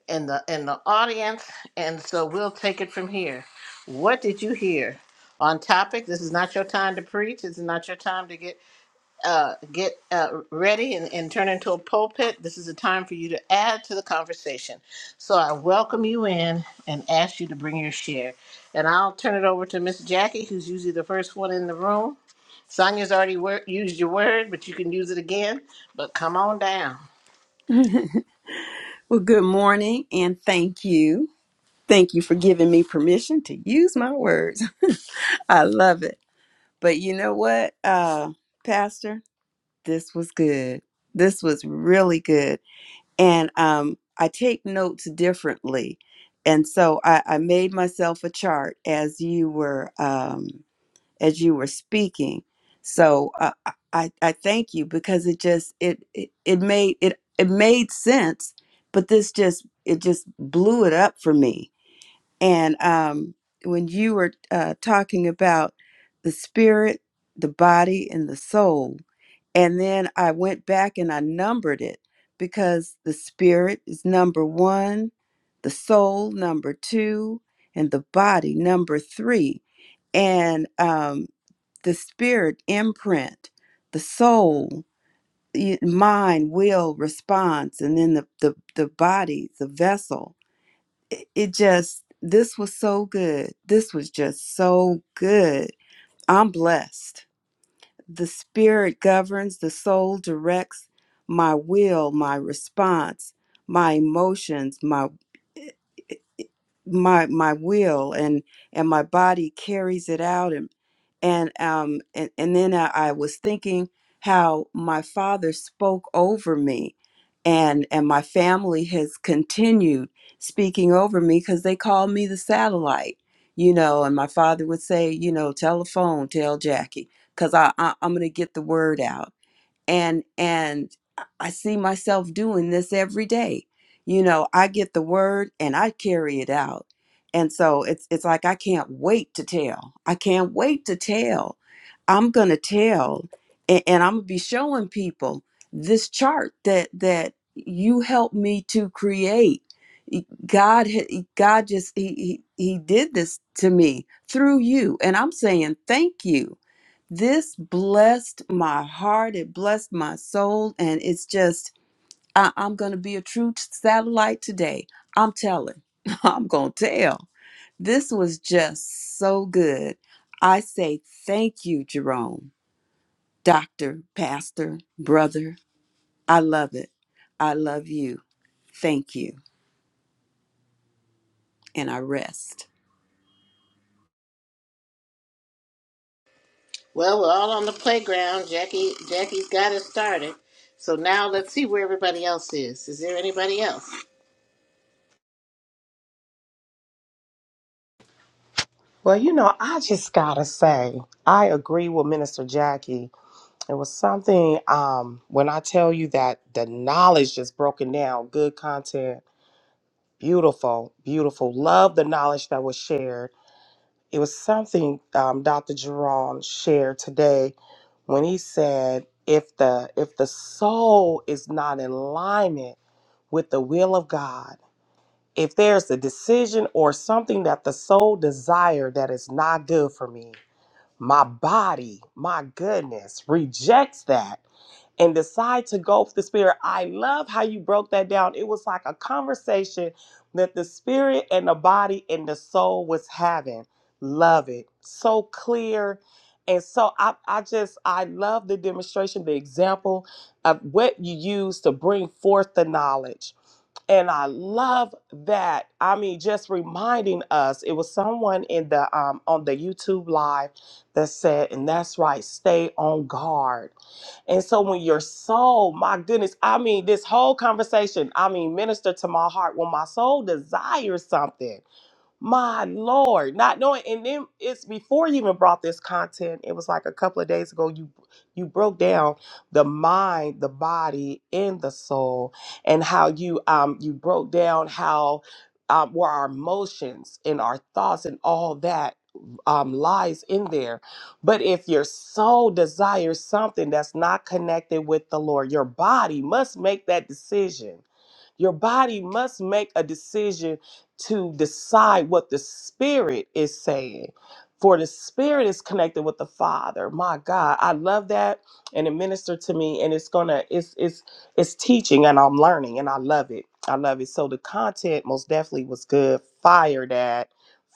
in the in the audience, and so we'll take it from here. What did you hear on topic? This is not your time to preach. This is not your time to get uh, get uh, ready and, and turn into a pulpit. This is a time for you to add to the conversation. So I welcome you in and ask you to bring your share. And I'll turn it over to Miss Jackie, who's usually the first one in the room. Sonia's already wor- used your word, but you can use it again. But come on down.
(laughs) well, good morning and thank you. Thank you for giving me permission to use my words. (laughs) I love it. But you know what, uh, Pastor? This was good. This was really good. And um, I take notes differently. And so I, I made myself a chart as you were. Um, as you were speaking. So uh, I I I thank you because it just it it, it made it it made sense, but this just it just blew it up for me. And um, when you were uh, talking about the spirit, the body, and the soul, and then I went back and I numbered it because the spirit is number one, the soul number two, and the body number three. And um, the spirit imprint, the soul, y- mind, will, response, and then the the, the body, the vessel. It, it just this was so good. This was just so good. I'm blessed. The spirit governs, the soul directs my will, my response, my emotions, my my my will and and my body carries it out and and um and, and then I, I was thinking how my father spoke over me and and my family has continued speaking over me because they call me the satellite you know and my father would say you know telephone, tell jackie because I, I i'm gonna get the word out and and i see myself doing this every day you know i get the word and i carry it out and so it's it's like i can't wait to tell i can't wait to tell i'm gonna tell and, and i'm gonna be showing people this chart that that you helped me to create E- god ha- god just he, he he did this to me through you and i'm saying thank you this blessed my heart, it blessed my soul, and it's just, I- I'm going to be a true satellite today. I'm telling, (laughs) I'm going to tell. This was just so good. I say thank you, Jerome, doctor, pastor, brother. I love it. I love you. Thank you. And I rest.
Well, we're all on the playground. Jackie, Jackie's got us started. So now let's see where everybody else is. Is there anybody else?
Well, you know, I just gotta say, I agree with Minister Jackie There was something um, when I tell you that the knowledge just broken down, good content, beautiful, beautiful. Love the knowledge that was shared. It was something um, Dr. Jerome shared today when he said, "If the if the soul is not in alignment with the will of God, if there's a decision or something that the soul desire that is not good for me, my body, my goodness, rejects that." and decide to go with the spirit. I love how you broke that down. It was like a conversation that the spirit and the body and the soul was having. Love it. So clear. And so I, I just I love the demonstration, the example of what you use to bring forth the knowledge and I love that. I mean, just reminding us, it was someone in the um, on the YouTube live that said, and that's right, stay on guard. And so when your soul, my goodness, I mean, this whole conversation, I mean, minister to my heart when my soul desires something. My Lord, not knowing, and then it's before you even brought this content. It was like a couple of days ago. You you broke down the mind, the body, and the soul, and how you um you broke down how um were our emotions and our thoughts and all that um lies in there. But if your soul desires something that's not connected with the Lord, your body must make that decision your body must make a decision to decide what the spirit is saying. For the spirit is connected with the Father. My God, I love that, and it ministered to me. And it's gonna, it's it's it's teaching, and I'm learning, and I love it. I love it. So the content most definitely was good. Fire that,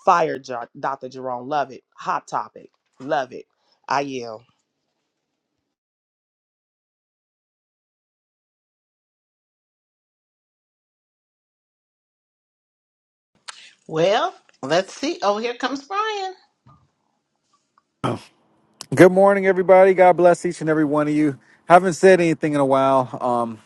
fire, Jo- Dr. Jerome. Love it. Hot topic. Love it. I yield.
Well, let's see. Oh, here comes Brian.
Good morning, everybody. God bless each and every one of you. Haven't said anything in a while, um,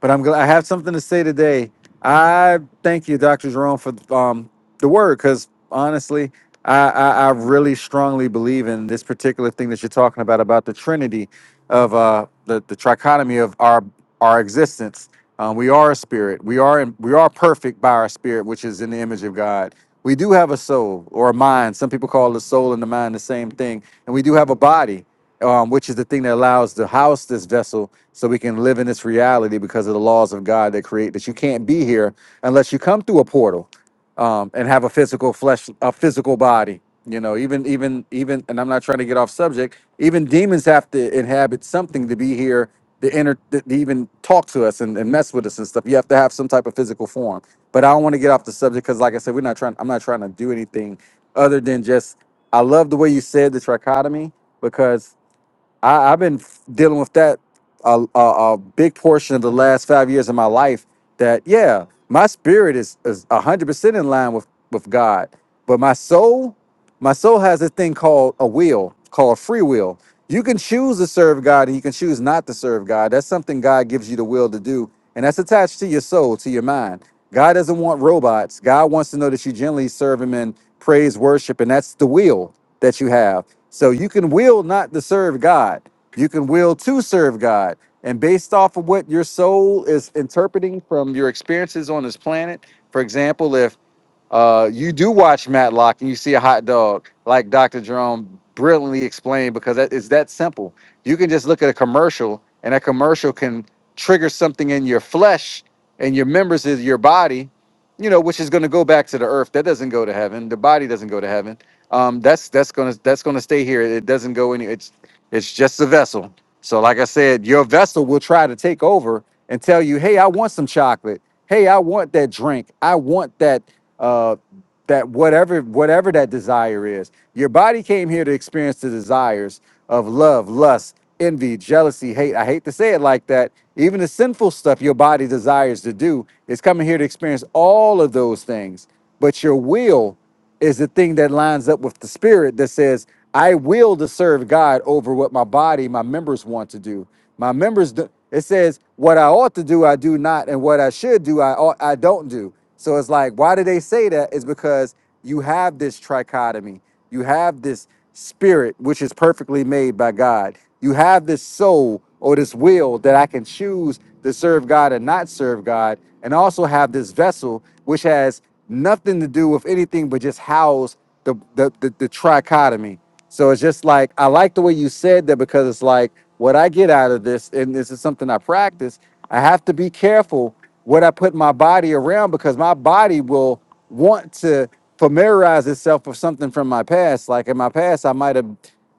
but I'm glad I have something to say today. I thank you, Dr. Jerome, for um, the word, because honestly, I, I, I really strongly believe in this particular thing that you're talking about, about the Trinity of uh, the, the trichotomy of our our existence. Um, we are a spirit. We are in, we are perfect by our spirit, which is in the image of God. We do have a soul or a mind. Some people call the soul and the mind the same thing. And we do have a body, um, which is the thing that allows to house this vessel so we can live in this reality because of the laws of God that create that you can't be here unless you come through a portal um, and have a physical flesh, a physical body. You know, even even even, and I'm not trying to get off subject. Even demons have to inhabit something to be here, to enter, to, even talk to us and, and mess with us and stuff. You have to have some type of physical form. But I don't want to get off the subject because, like I said, we're not trying. I'm not trying to do anything other than just. I love the way you said the trichotomy because I, I've been f- dealing with that a, a, a big portion of the last five years of my life. That yeah, my spirit is is a hundred percent in line with with God, but my soul, my soul has a thing called a will, called free will. You can choose to serve God, and you can choose not to serve God. That's something God gives you the will to do, and that's attached to your soul, to your mind. God doesn't want robots. God wants to know that you generally serve Him in praise, worship, and that's the will that you have. So you can will not to serve God. You can will to serve God. And based off of what your soul is interpreting from your experiences on this planet, for example, uh, you do watch Matlock and you see a hot dog, like Dr. Jerome brilliantly explained, because that is that simple. You can just look at a commercial, and that commercial can trigger something in your flesh and your members of your body, you know, which is going to go back to the earth. That doesn't go to heaven. The body doesn't go to heaven. Um, that's that's gonna that's gonna stay here. It doesn't go any. It's just a vessel. So, like I said, your vessel will try to take over and tell you, "Hey, I want some chocolate. Hey, I want that drink. I want that uh, that whatever whatever that desire is." Your body came here to experience the desires of love, lust, envy, jealousy, hate. I hate to say it like that. Even the sinful stuff your body desires to do is coming here to experience all of those things. But your will is the thing that lines up with the spirit that says, I will to serve God over what my body, my members want to do. My members, do, it says, what I ought to do, I do not, and what I should do, I ought, I don't do. So it's like, why do they say that? It's because you have this trichotomy. You have this spirit, which is perfectly made by God. You have this soul or this will that I can choose to serve God and not serve God, and also have this vessel, which has nothing to do with anything but just house the, the, the, the trichotomy. So it's just like, I like the way you said that because it's like what I get out of this, and this is something I practice, I have to be careful what I put my body around because my body will want to familiarize itself with something from my past. Like in my past, I might have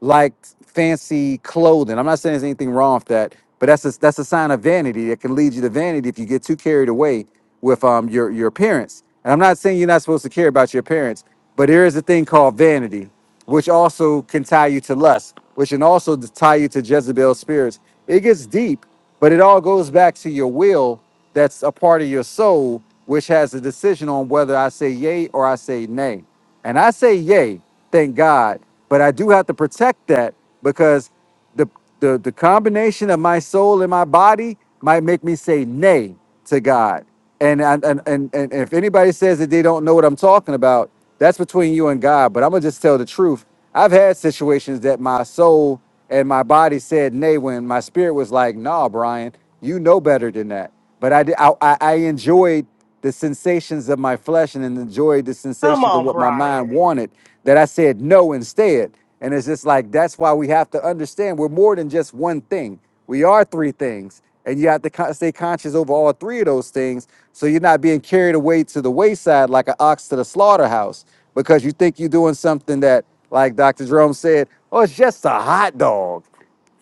liked fancy clothing. I'm not saying there's anything wrong with that, but that's a, that's a sign of vanity. that can lead you to vanity if you get too carried away with um your your appearance. And I'm not saying you're not supposed to care about your appearance, but there is a thing called vanity, which also can tie you to lust, which can also tie you to Jezebel spirits. It gets deep, but it all goes back to your will that's a part of your soul which has a decision on whether I say yay or I say nay. And I say yay, thank God, but I do have to protect that because the the, the combination of my soul and my body might make me say nay to God. And and, and and and if anybody says that they don't know what I'm talking about, that's between you and God. But I'm gonna just tell the truth. I've had situations that my soul and my body said nay when my spirit was like, nah, Brian, you know better than that. But I, did, I, I I enjoyed the sensations of my flesh and enjoyed the
Come
sensations of
on,
what my mind
Brian.
wanted that I said no instead. And it's just like, that's why we have to understand we're more than just one thing. We are three things, and you have to stay conscious over all three of those things, so you're not being carried away to the wayside like an ox to the slaughterhouse because you think you're doing something that, like Dr. Jerome said, oh, it's just a hot dog.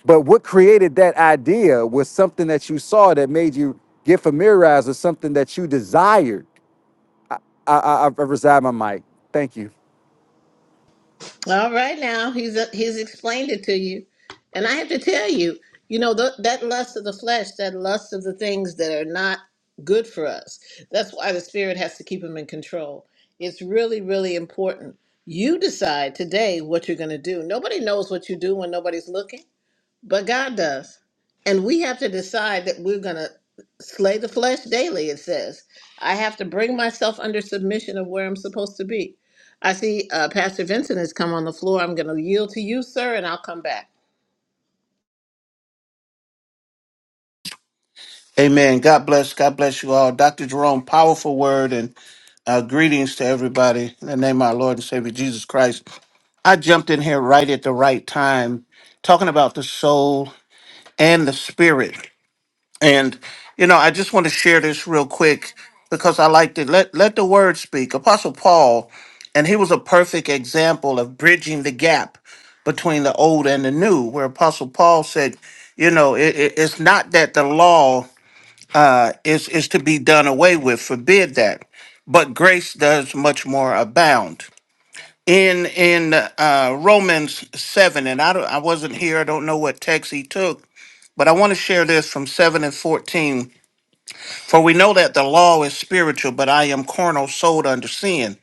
But what created that idea was something that you saw that made you get familiarized with something that you desired. I, I, I reside my mic. Thank you.
All right, now he's he's explained it to you, and I have to tell you, you know th- that lust of the flesh, that lust of the things that are not good for us. That's why the spirit has to keep him in control. It's really, really important. You decide today what you're going to do. Nobody knows what you do when nobody's looking. But God does. And we have to decide that we're going to slay the flesh daily, it says. I have to bring myself under submission of where I'm supposed to be. I see uh, Pastor Vincent has come on the floor. I'm going to yield to you, sir, and I'll come back.
Amen. God bless. God bless you all. Dr. Jerome, powerful word and uh, greetings to everybody. In the name of our Lord and Savior Jesus Christ. I jumped in here right at the right time, talking about the soul and the spirit. And, you know, I just want to share this real quick because I liked it. Let, let the word speak. Apostle Paul, and he was a perfect example of bridging the gap between the old and the new, where Apostle Paul said, you know, it, it- it's not that the law is is to be done away with forbid that but grace does much more abound in in uh romans 7 and i don't, i wasn't here i don't know what text he took but i want to share this from 7 and 14 for we know that the law is spiritual but i am carnal sold under sin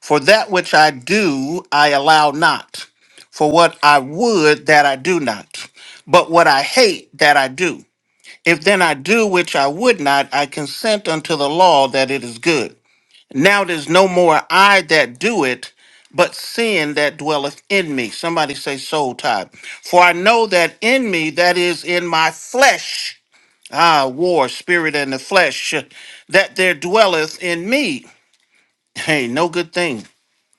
for that which i do i allow not for what i would that i do not but what i hate that i do if then I do which I would not, I consent unto the law that it is good. Now it is no more I that do it, but sin that dwelleth in me. Somebody say soul tie. For I know that in me, that is in my flesh, ah, war, spirit, and the flesh, that there dwelleth in me. Hey, no good thing,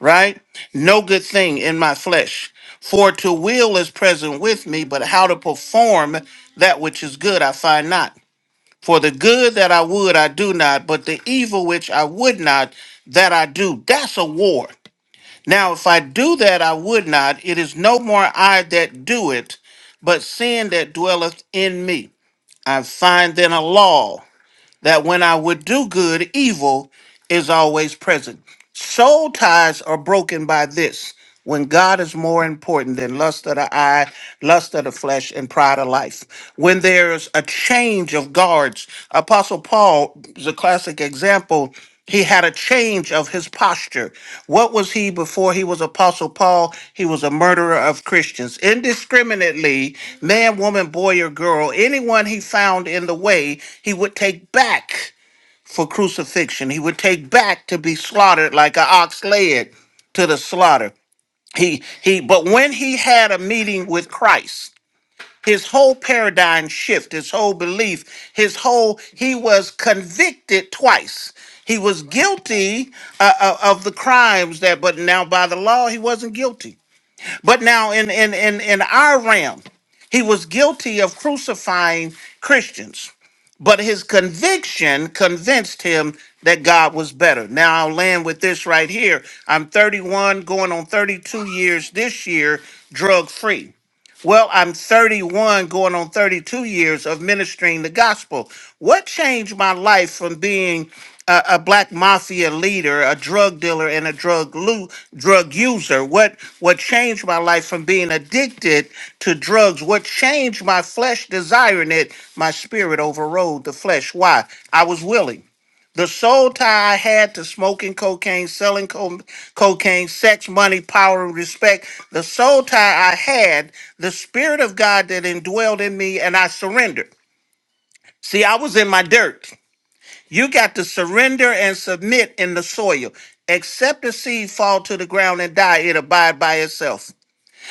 right? No good thing in my flesh. For to will is present with me, but how to perform that which is good I find not. For the good that I would, I do not, but the evil which I would not, that I do. That's a war. Now, if I do that I would not, it is no more I that do it, but sin that dwelleth in me. I find then a law that when I would do good, evil is always present. Soul ties are broken by this when God is more important than lust of the eye, lust of the flesh, and pride of life. When there's a change of guards, Apostle Paul is a classic example. He had a change of his posture. What was he before he was Apostle Paul? He was a murderer of Christians. Indiscriminately, man, woman, boy, or girl, anyone he found in the way, he would take back for crucifixion. He would take back to be slaughtered like an ox led to the slaughter. He he but when he had a meeting with Christ, his whole paradigm shift, his whole belief, his whole he was convicted twice. He was guilty uh, uh, of the crimes that, but now by the law he wasn't guilty. But now in in in in our realm, he was guilty of crucifying Christians but his conviction convinced him that God was better. Now I'll land with this right here. I'm 31, going on 32 years this year, drug free. Well, I'm 31, going on 32 years of ministering the gospel. What changed my life from being a, a black mafia leader, a drug dealer, and a drug lo- drug user. What what changed my life from being addicted to drugs? What changed my flesh desiring it? My spirit overrode the flesh. Why? I was willing. The soul tie I had to smoking cocaine, selling co- cocaine, sex, money, power, and respect. The soul tie I had, the spirit of God that indwelled in me, and I surrendered. See, I was in my dirt. You got to surrender and submit in the soil. Except the seed fall to the ground and die, it abide by itself.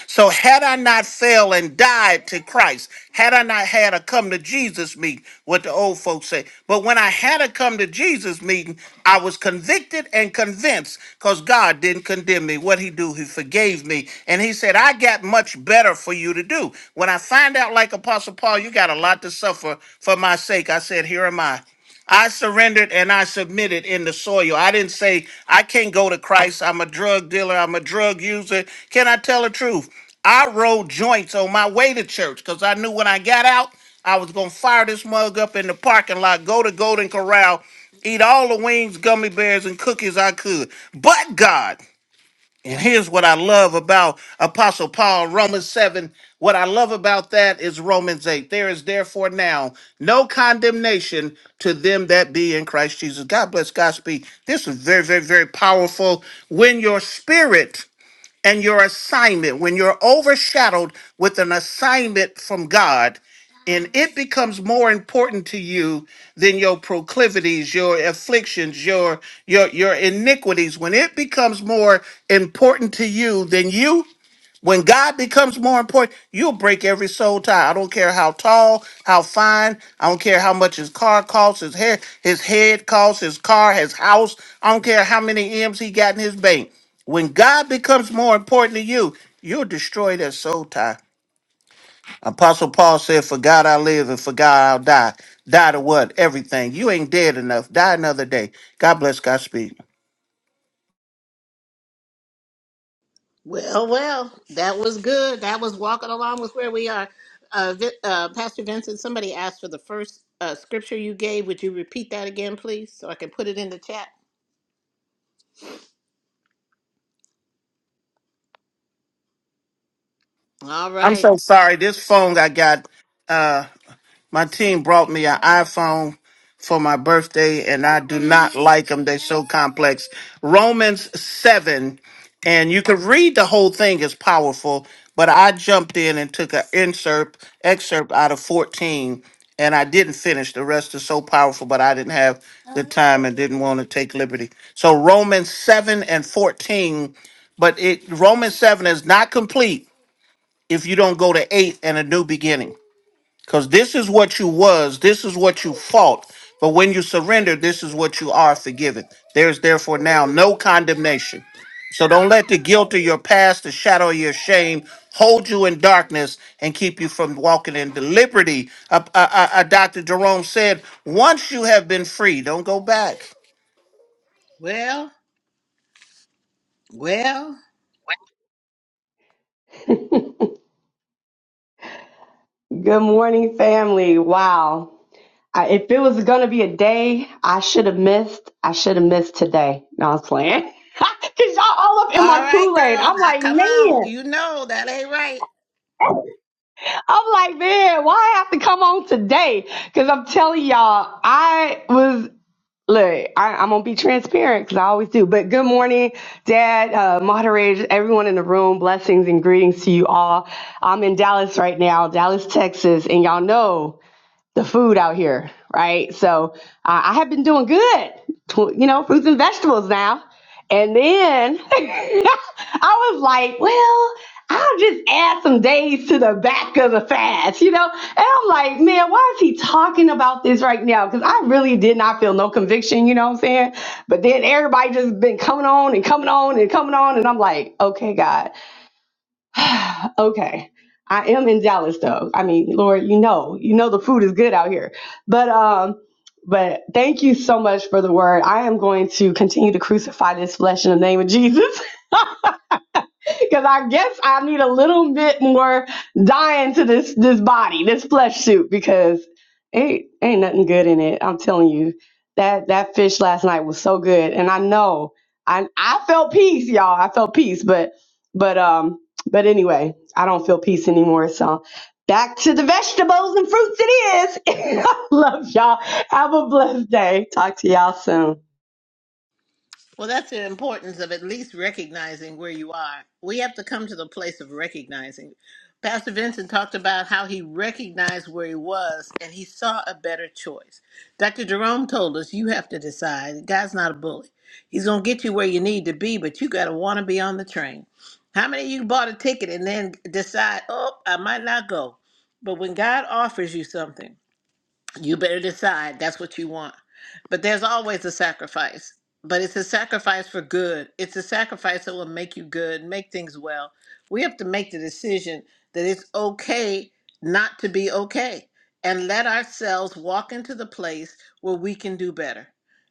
So had I not fell and died to Christ, had I not had a come to Jesus meeting, what the old folks say. But when I had a come to Jesus meeting, I was convicted and convinced because God didn't condemn me. What he do, he forgave me. And he said, I got much better for you to do. When I find out, like Apostle Paul, you got a lot to suffer for my sake, I said, here am I. I surrendered and I submitted in the soil. I didn't say, I can't go to Christ. I'm a drug dealer. I'm a drug user. Can I tell the truth? I rolled joints on my way to church because I knew when I got out, I was going to fire this mug up in the parking lot, go to Golden Corral, eat all the wings, gummy bears, and cookies I could. But God. And here's what I love about Apostle Paul, Romans 7. What I love about that is Romans 8. There is therefore now no condemnation to them that be in Christ Jesus. God bless Godspeed. This is very, very, very powerful. When your spirit and your assignment, when you're overshadowed with an assignment from God, and it becomes more important to you than your proclivities, your afflictions, your your your iniquities, when it becomes more important to you than you, when God becomes more important, you'll break every soul tie. I don't care how tall, how fine. I don't care how much his car costs, his hair, his head costs, his car, his house. I don't care how many M's he got in his bank. When God becomes more important to you, you'll destroy that soul tie. Apostle Paul said, For God I live and for God I'll die. Die to what? Everything. You ain't dead enough. Die another day. God bless Godspeed.
Well, well, that was good. That was walking along with where we are. Uh, Vi- uh, Pastor Vincent, somebody asked for the first uh, scripture you gave. Would you repeat that again, please, so I can put it in the chat? All
I'm
right.
so sorry. This phone I got. My team brought me an iPhone for my birthday, and I do not like them. They're so complex. Romans 7, and you can read the whole thing, it's powerful, but I jumped in and took an excerpt, excerpt out of 14, and I didn't finish. The rest is so powerful, but I didn't have the time and didn't want to take liberty. So Romans 7 and 14, but it Romans 7 is not complete if you don't go to 8 and a new beginning. Because this is what you was, this is what you fought. But when you surrender, this is what you are forgiven. There's therefore now no condemnation. So don't let the guilt of your past, the shadow of your shame, hold you in darkness and keep you from walking in the liberty. Uh, uh, uh, uh, Dr. Jerome said, once you have been free, don't go back.
Well, well.
(laughs) Good morning, family. Wow. I, if it was going to be a day I should have missed, I should have missed today. No, I was playing. (laughs) Because y'all all up in
All
my
right,
Kool Aid.
girl.
I'm
Now
like,
come on.
man,
You know that ain't right.
I'm like, man, why I have to come on today? Because I'm telling y'all, I was, look, I, I'm going to be transparent because I always do. But good morning, Dad, uh, moderators, everyone in the room. Blessings and greetings to you all. I'm in Dallas right now, Dallas, Texas. And y'all know, the food out here, right? So uh, I have been doing good, tw- you know, fruits and vegetables now. And then (laughs) I was like, well, I'll just add some days to the back of the fast, you know? And I'm like, man, why is he talking about this right now? Because I really did not feel no conviction, you know what I'm saying? But then everybody just been coming on and coming on and coming on. And I'm like, okay, God. Okay. I am in Dallas though. I mean, Lord, you know, you know the food is good out here. But um but thank you so much for the word. I am going to continue to crucify this flesh in the name of Jesus. Because I guess I need a little bit more dying to this this body, this flesh suit, because ain't ain't nothing good in it. I'm telling you, that that fish last night was so good, and I know I I felt peace, y'all. I felt peace, but but um but anyway, I don't feel peace anymore. So back to the vegetables and fruits. It is (laughs) love y'all. Have a blessed day. Talk to y'all soon.
Well, that's the importance of at least recognizing where you are. We have to come to the place of recognizing. Pastor Vincent talked about how he recognized where he was and he saw a better choice. Dr. Jerome told us you have to decide. God's not a bully. He's going to get you where you need to be, but you got to want to be on the train. How many of you bought a ticket and then decide, oh, I might not go? But when God offers you something, You better decide that's what you want. But there's always a sacrifice. But it's a sacrifice for good. It's a sacrifice that will make you good, make things well. We have to make the decision that it's okay not to be okay and let ourselves walk into the place where we can do better.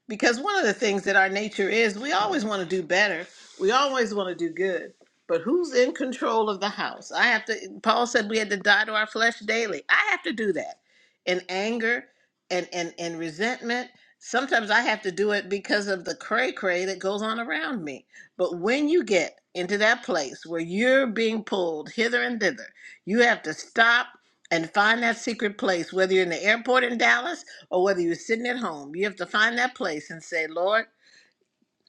Because one of the things that our nature is, we always want to do better. We always want to do good. But who's in control of the house? I have to Paul said we had to die to our flesh daily. I have to do that and anger and and and resentment sometimes i have to do it because of the cray cray that goes on around me but when you get into that place where you're being pulled hither and thither you have to stop and find that secret place whether you're in the airport in dallas or whether you're sitting at home you have to find that place and say lord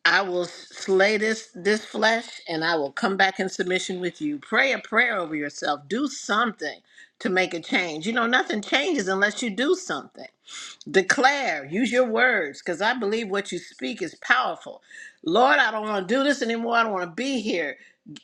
I will slay this this flesh and I will come back in submission with you. Pray a prayer over yourself. Do something to make a change. You know, nothing changes unless you do something. Declare, use your words, because I believe what you speak is powerful. Lord, I don't want to do this anymore. I don't want to be here.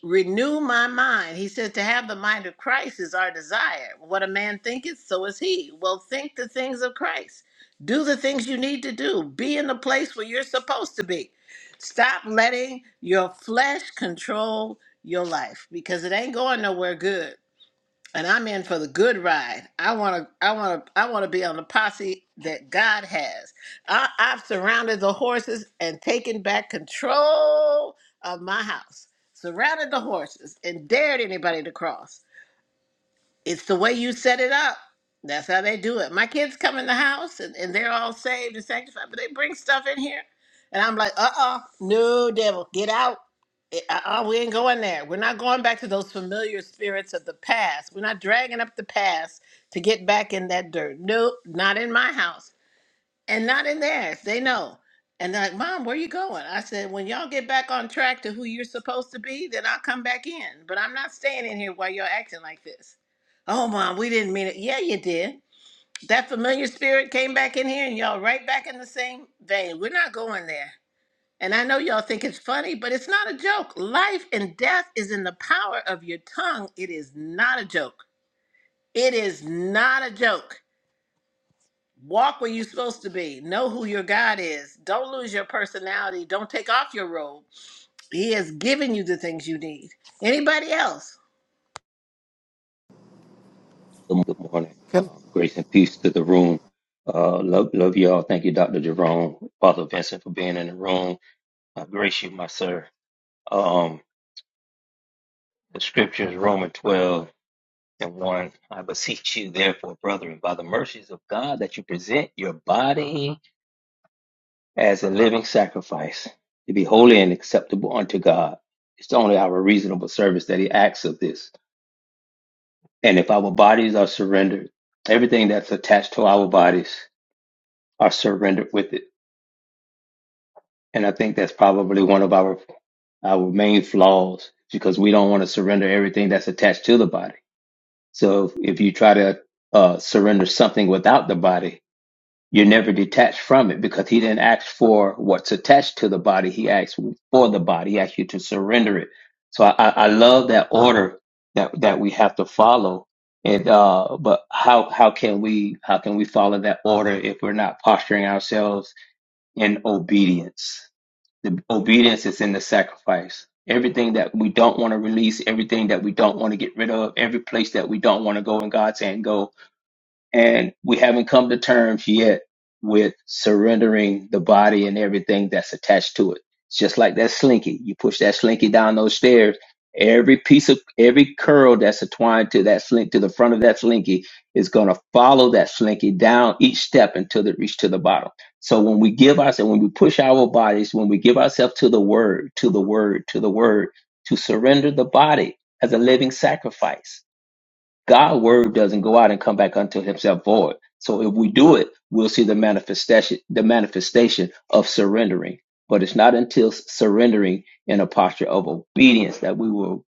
Renew my mind. He said, To have the mind of Christ is our desire. What a man thinketh, so is he. Well, think the things of Christ. Do the things you need to do. Be in the place where you're supposed to be. Stop letting your flesh control your life because it ain't going nowhere good and I'm in for the good ride. I want to, I want to, I want to be on the posse that God has. I, I've surrounded the horses and taken back control of my house. Surrounded the horses and dared anybody to cross it's the way you set it up. That's how they do it. My kids come in the house and, and they're all saved and sanctified, but they bring stuff in here. And I'm like, uh uh no, devil, get out. Eh, Uh uh, we ain't going there. We're not going back to those familiar spirits of the past. We're not dragging up the past to get back in that dirt. Nope, not in my house and not in theirs. They know. And they're like, Mom, where you going? I said, When y'all get back on track to who you're supposed to be, then I'll come back in. But I'm not staying in here while you're acting like this. Oh, Mom, we didn't mean it. Yeah, you did. That familiar spirit came back in here and y'all right back in the same vein. We're not going there. And I know y'all think it's funny, but it's not a joke. Life and death is in the power of your tongue. It is not a joke. It is not a joke. Walk where you're supposed to be. Know who your God is. Don't lose your personality. Don't take off your robe. He has given you the things you need. Anybody else?
Good morning. Um, grace and peace to the room. Uh, love, love y'all. Thank you, Dr. Jerome, Father Vincent, for being in the room. I grace you, my sir. Um, the scriptures, Romans 12 and 1. I beseech you, therefore, brethren, by the mercies of God, that you present your body as a living sacrifice to be holy and acceptable unto God. It's only our reasonable service that He asks of this. And if our bodies are surrendered, everything that's attached to our bodies are surrendered with it And I think that's probably one of our our main flaws because we don't want to surrender everything that's attached to the body. So if you try to uh, surrender something without the body, you're never detached from it because he didn't ask for what's attached to the body. He asked for the body. He asked you to surrender it. So I, I I love that order that that we have to follow. And uh, but how how can we how can we follow that order if we're not posturing ourselves in obedience? The obedience is in the sacrifice. Everything that we don't want to release, everything that we don't want to get rid of, every place that we don't want to go, and God saying, go, and we haven't come to terms yet with surrendering the body and everything that's attached to it. It's just like that slinky. You push that slinky down those stairs. Every piece of every curl that's entwined to that slink to the front of that slinky is going to follow that slinky down each step until it reaches to the bottom. So when we give ourselves, when we push our bodies, when we give ourselves to the word, to the word, to the word, to surrender the body as a living sacrifice God's word doesn't go out and come back unto himself void. So if we do it, we'll see the manifestation, the manifestation of surrendering. But it's not until s- surrendering in a posture of obedience that we will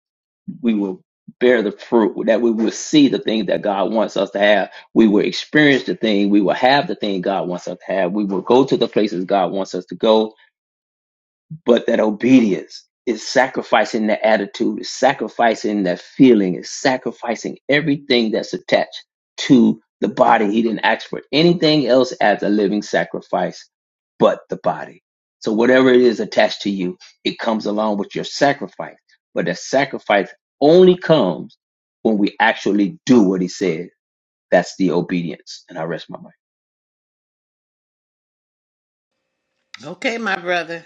we will bear the fruit, that we will see the thing that God wants us to have. We will experience the thing, we will have the thing God wants us to have. We will go to the places God wants us to go but that obedience is sacrificing the attitude, is sacrificing that feeling, is sacrificing everything that's attached to the body. He didn't ask for anything else as a living sacrifice but the body. So whatever it is attached to you, it comes along with your sacrifice. But that sacrifice only comes when we actually do what he said. That's the obedience. And I rest my mind.
Okay, my brother.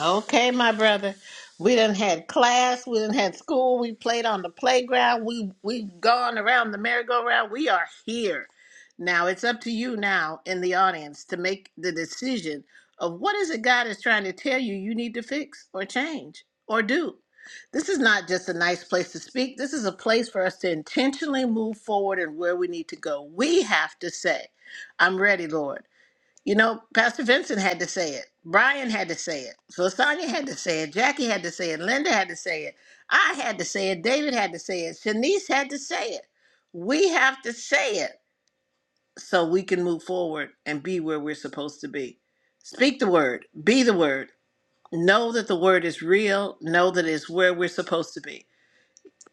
Okay, my brother. We done had class. We done had school. We played on the playground. We we've gone around the merry-go-round. We are here. Now it's up to you now in the audience to make the decision of what is it God is trying to tell you you need to fix or change or do. This is not just a nice place to speak. This is a place for us to intentionally move forward and where we need to go. We have to say, I'm ready, Lord. You know, Pastor Vincent had to say it. Brian had to say it. So Sonia had to say it. Jackie had to say it. Linda had to say it. I had to say it. David had to say it. Shanice had to say it. We have to say it so we can move forward and be where we're supposed to be. Speak the word. Be the word. Know that the word is real. Know that it's where we're supposed to be.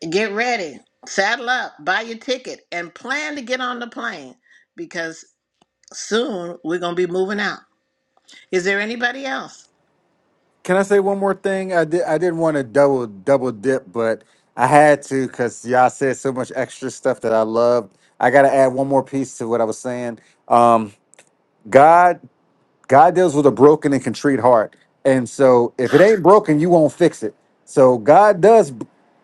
Get ready. Saddle up. Buy your ticket and plan to get on the plane because soon we're going to be moving out. Is there anybody else?
Can I say one more thing? I did. I didn't want to double double dip, but I had to because y'all said so much extra stuff that I loved. I got to add one more piece to what I was saying. Um, God, God deals with a broken and contrite heart, and so if it ain't broken, you won't fix it. So God does.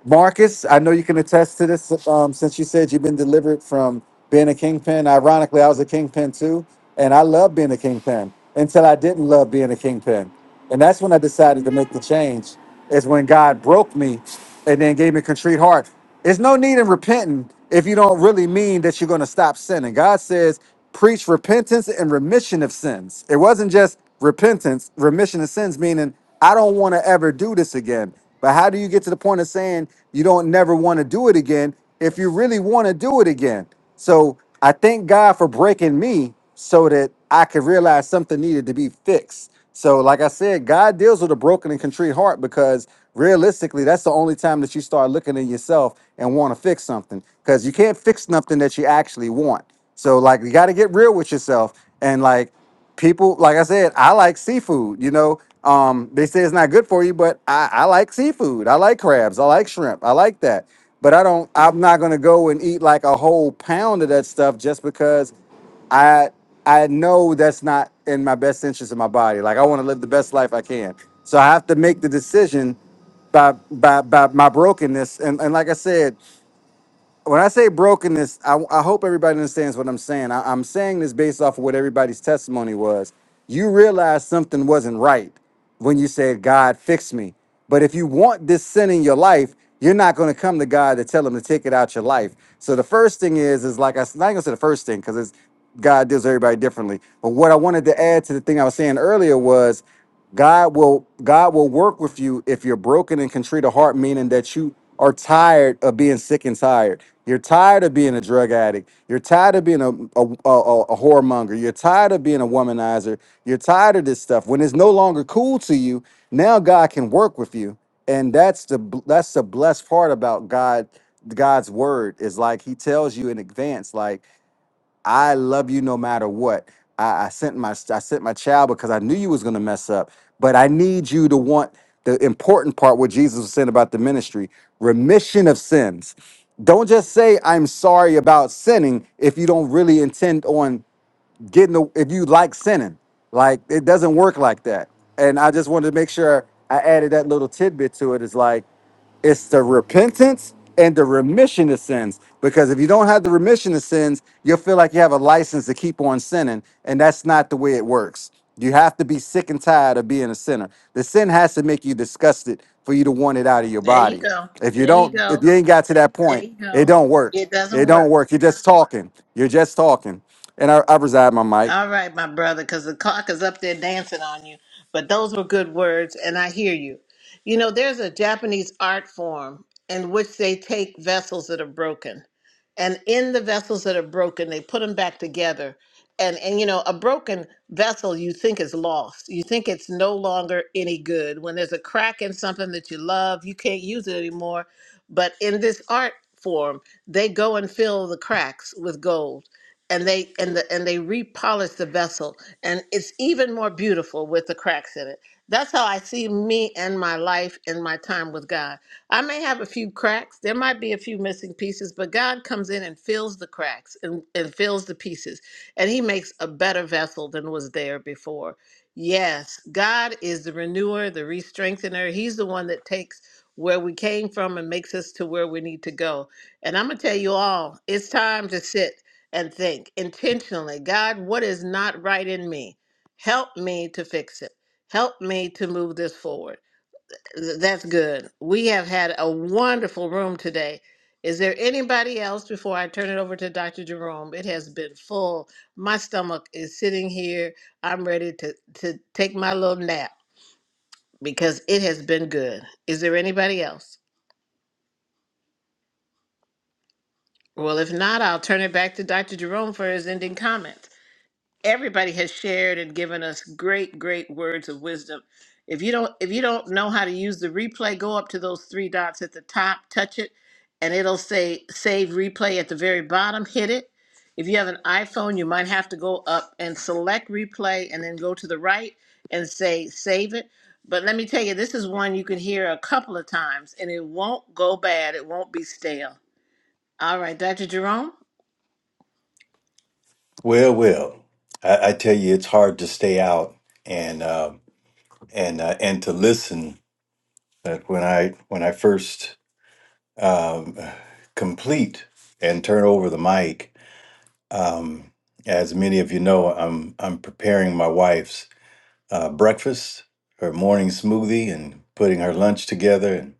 Marcus, I know you can attest to this. Um, since you said you've been delivered from being a kingpin, ironically, I was a kingpin too, and I love being a kingpin until I didn't love being a kingpin. And that's when I decided to make the change, is when God broke me and then gave me a contrite heart. There's no need in repenting if you don't really mean that you're going to stop sinning. God says, preach repentance and remission of sins. It wasn't just repentance, remission of sins, meaning I don't want to ever do this again. But how do you get to the point of saying you don't never want to do it again if you really want to do it again? So I thank God for breaking me so that I could realize something needed to be fixed. So, like I said, God deals with a broken and contrite heart because realistically, that's the only time that you start looking at yourself and want to fix something because you can't fix nothing that you actually want. So, like, you got to get real with yourself. And, like, people, like I said, I like seafood, you know. Um, they say it's not good for you, but I, I like seafood. I like crabs. I like shrimp. I like that. But I don't, I'm not going to go and eat like a whole pound of that stuff just because. I I know that's not in my best interest of my body. Like I want to live the best life I can. So I have to make the decision by by by my brokenness. And and like I said, when I say brokenness, I, I hope everybody understands what I'm saying. I, I'm saying this based off of what everybody's testimony was. You realize something wasn't right when you said, God, fix me. But if you want this sin in your life, you're not going to come to God to tell him to take it out your life. So the first thing is, is like I s- not going to say the first thing because it's God deals with everybody differently. But what I wanted to add to the thing I was saying earlier was God will God will work with you if you're broken and contrite of heart, meaning that you are tired of being sick and tired. You're tired of being a drug addict. You're tired of being a, a, a, a a whoremonger. You're tired of being a womanizer. You're tired of this stuff. When it's no longer cool to you, now God can work with you. And that's the bl- that's the blessed part about God, God's word is like He tells you in advance, like I love you no matter what. I, I sent my I sent my child because I knew you was gonna mess up, but I need you to want the important part what Jesus was saying about the ministry, remission of sins. Don't just say I'm sorry about sinning if you don't really intend on getting a, if you like sinning. Like it doesn't work like that. And I just wanted to make sure I added that little tidbit to it. Is like it's the repentance and the remission of sins. Because if you don't have the remission of sins, you'll feel like you have a license to keep on sinning, and that's not the way it works. You have to be sick and tired of being a sinner. The sin has to make you disgusted for you to want it out of your
There you
body.
go.
If you
There you
don't, if
go.
you ain't got to that
There
point,
you
it
go.
don't work.
It doesn't
It
work.
don't work. You're just talking. You're just talking. And I, i reside my mic.
All right, my brother, because the cock is up there dancing on you. But those were good words, and I hear you. You know, there's a Japanese art form in which they take vessels that are broken, and in the vessels that are broken, they put them back together. And and you know, a broken vessel you think is lost. You think it's no longer any good. When there's a crack in something that you love, you can't use it anymore. But in this art form, they go and fill the cracks with gold and they and the and they repolish the vessel and it's even more beautiful with the cracks in it that's how i see me and my life and my time with god i may have a few cracks there might be a few missing pieces but god comes in and fills the cracks and, and fills the pieces and he makes a better vessel than was there before yes god is the renewer the re-strengthener he's the one that takes where we came from and makes us to where we need to go and i'm going to tell you all it's time to sit and think intentionally, God, what is not right in me? Help me to fix it. Help me to move this forward. Th- That's good. We have had a wonderful room today. Is there anybody else before I turn it over to Dr. Jerome? It has been full. My stomach is sitting here. I'm ready to, to take my little nap because it has been good. Is there anybody else? Well, if not, I'll turn it back to Dr. Jerome for his ending comments. everybody has shared and given us great great words of wisdom if you don't if you don't know how to use the replay go up to those three dots at the top touch it and it'll say save replay at the very bottom hit it if you have an iphone you might have to go up and select replay and then go to the right and say save it but let me tell you this is one you can hear a couple of times and it won't go bad it won't be stale all right dr jerome
Well, well, I, I tell you, it's hard to stay out and uh, and uh, and to listen. But when I when I first um, complete and turn over the mic, um, as many of you know, I'm I'm preparing my wife's. uh, breakfast, her morning smoothie, and putting her lunch together. And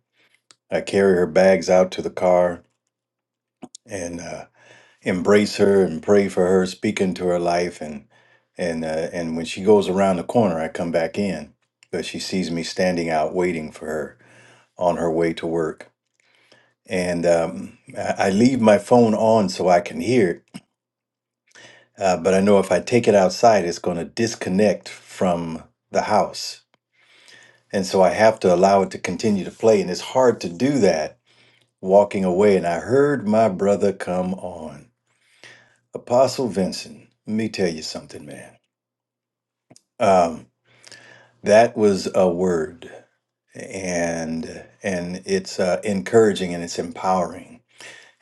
I carry her bags out to the car and uh, embrace her and pray for her, speak into her life. And and uh, and when she goes around the corner, I come back in because she sees me standing out waiting for her on her way to work. And um, I I leave my phone on so I can hear it, uh, but I know if I take it outside, it's going to disconnect from the house And so I have to allow it to continue to play. And it's hard to do that walking away. And I heard my brother come on. Apostle Vincent, let me tell you something, man. Um, that was a word. And and it's uh, encouraging and it's empowering.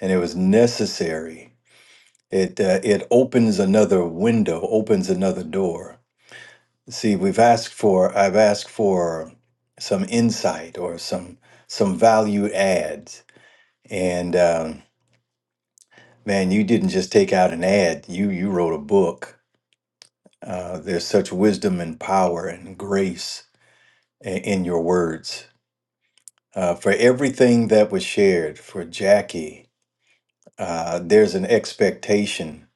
And it was necessary. It uh, it opens another window, opens another door. See, we've asked for I've asked for some insight or some some value adds And um, man, you didn't just take out an ad; you you wrote a book. Uh, there's such wisdom and power and grace in, in your words. Uh, for everything that was shared, for Jackie, uh, there's an expectation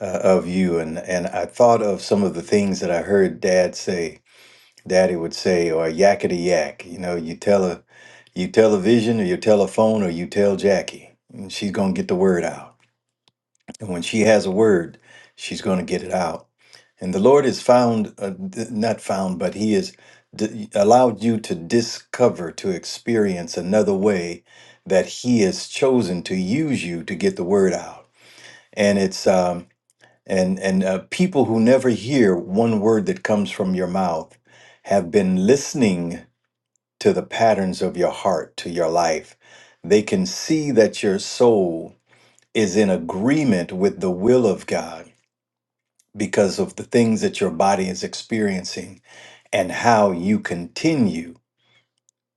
uh, of you, and and I thought of some of the things that I heard Dad say. Daddy would say, or yakety yak. You know, you tell a, you tell a vision, or you tell a phone, or you tell Jackie, and she's gonna get the word out And when she has a word, she's going to get it out. And the Lord is found, uh, d- not found, but He has d- allowed you to discover, to experience another way that He has chosen to use you to get the word out. And it's um, and and uh, people who never hear one word that comes from your mouth have been listening to the patterns of your heart, to your life. They can see that your soul is in agreement with the will of God because of the things that your body is experiencing and how you continue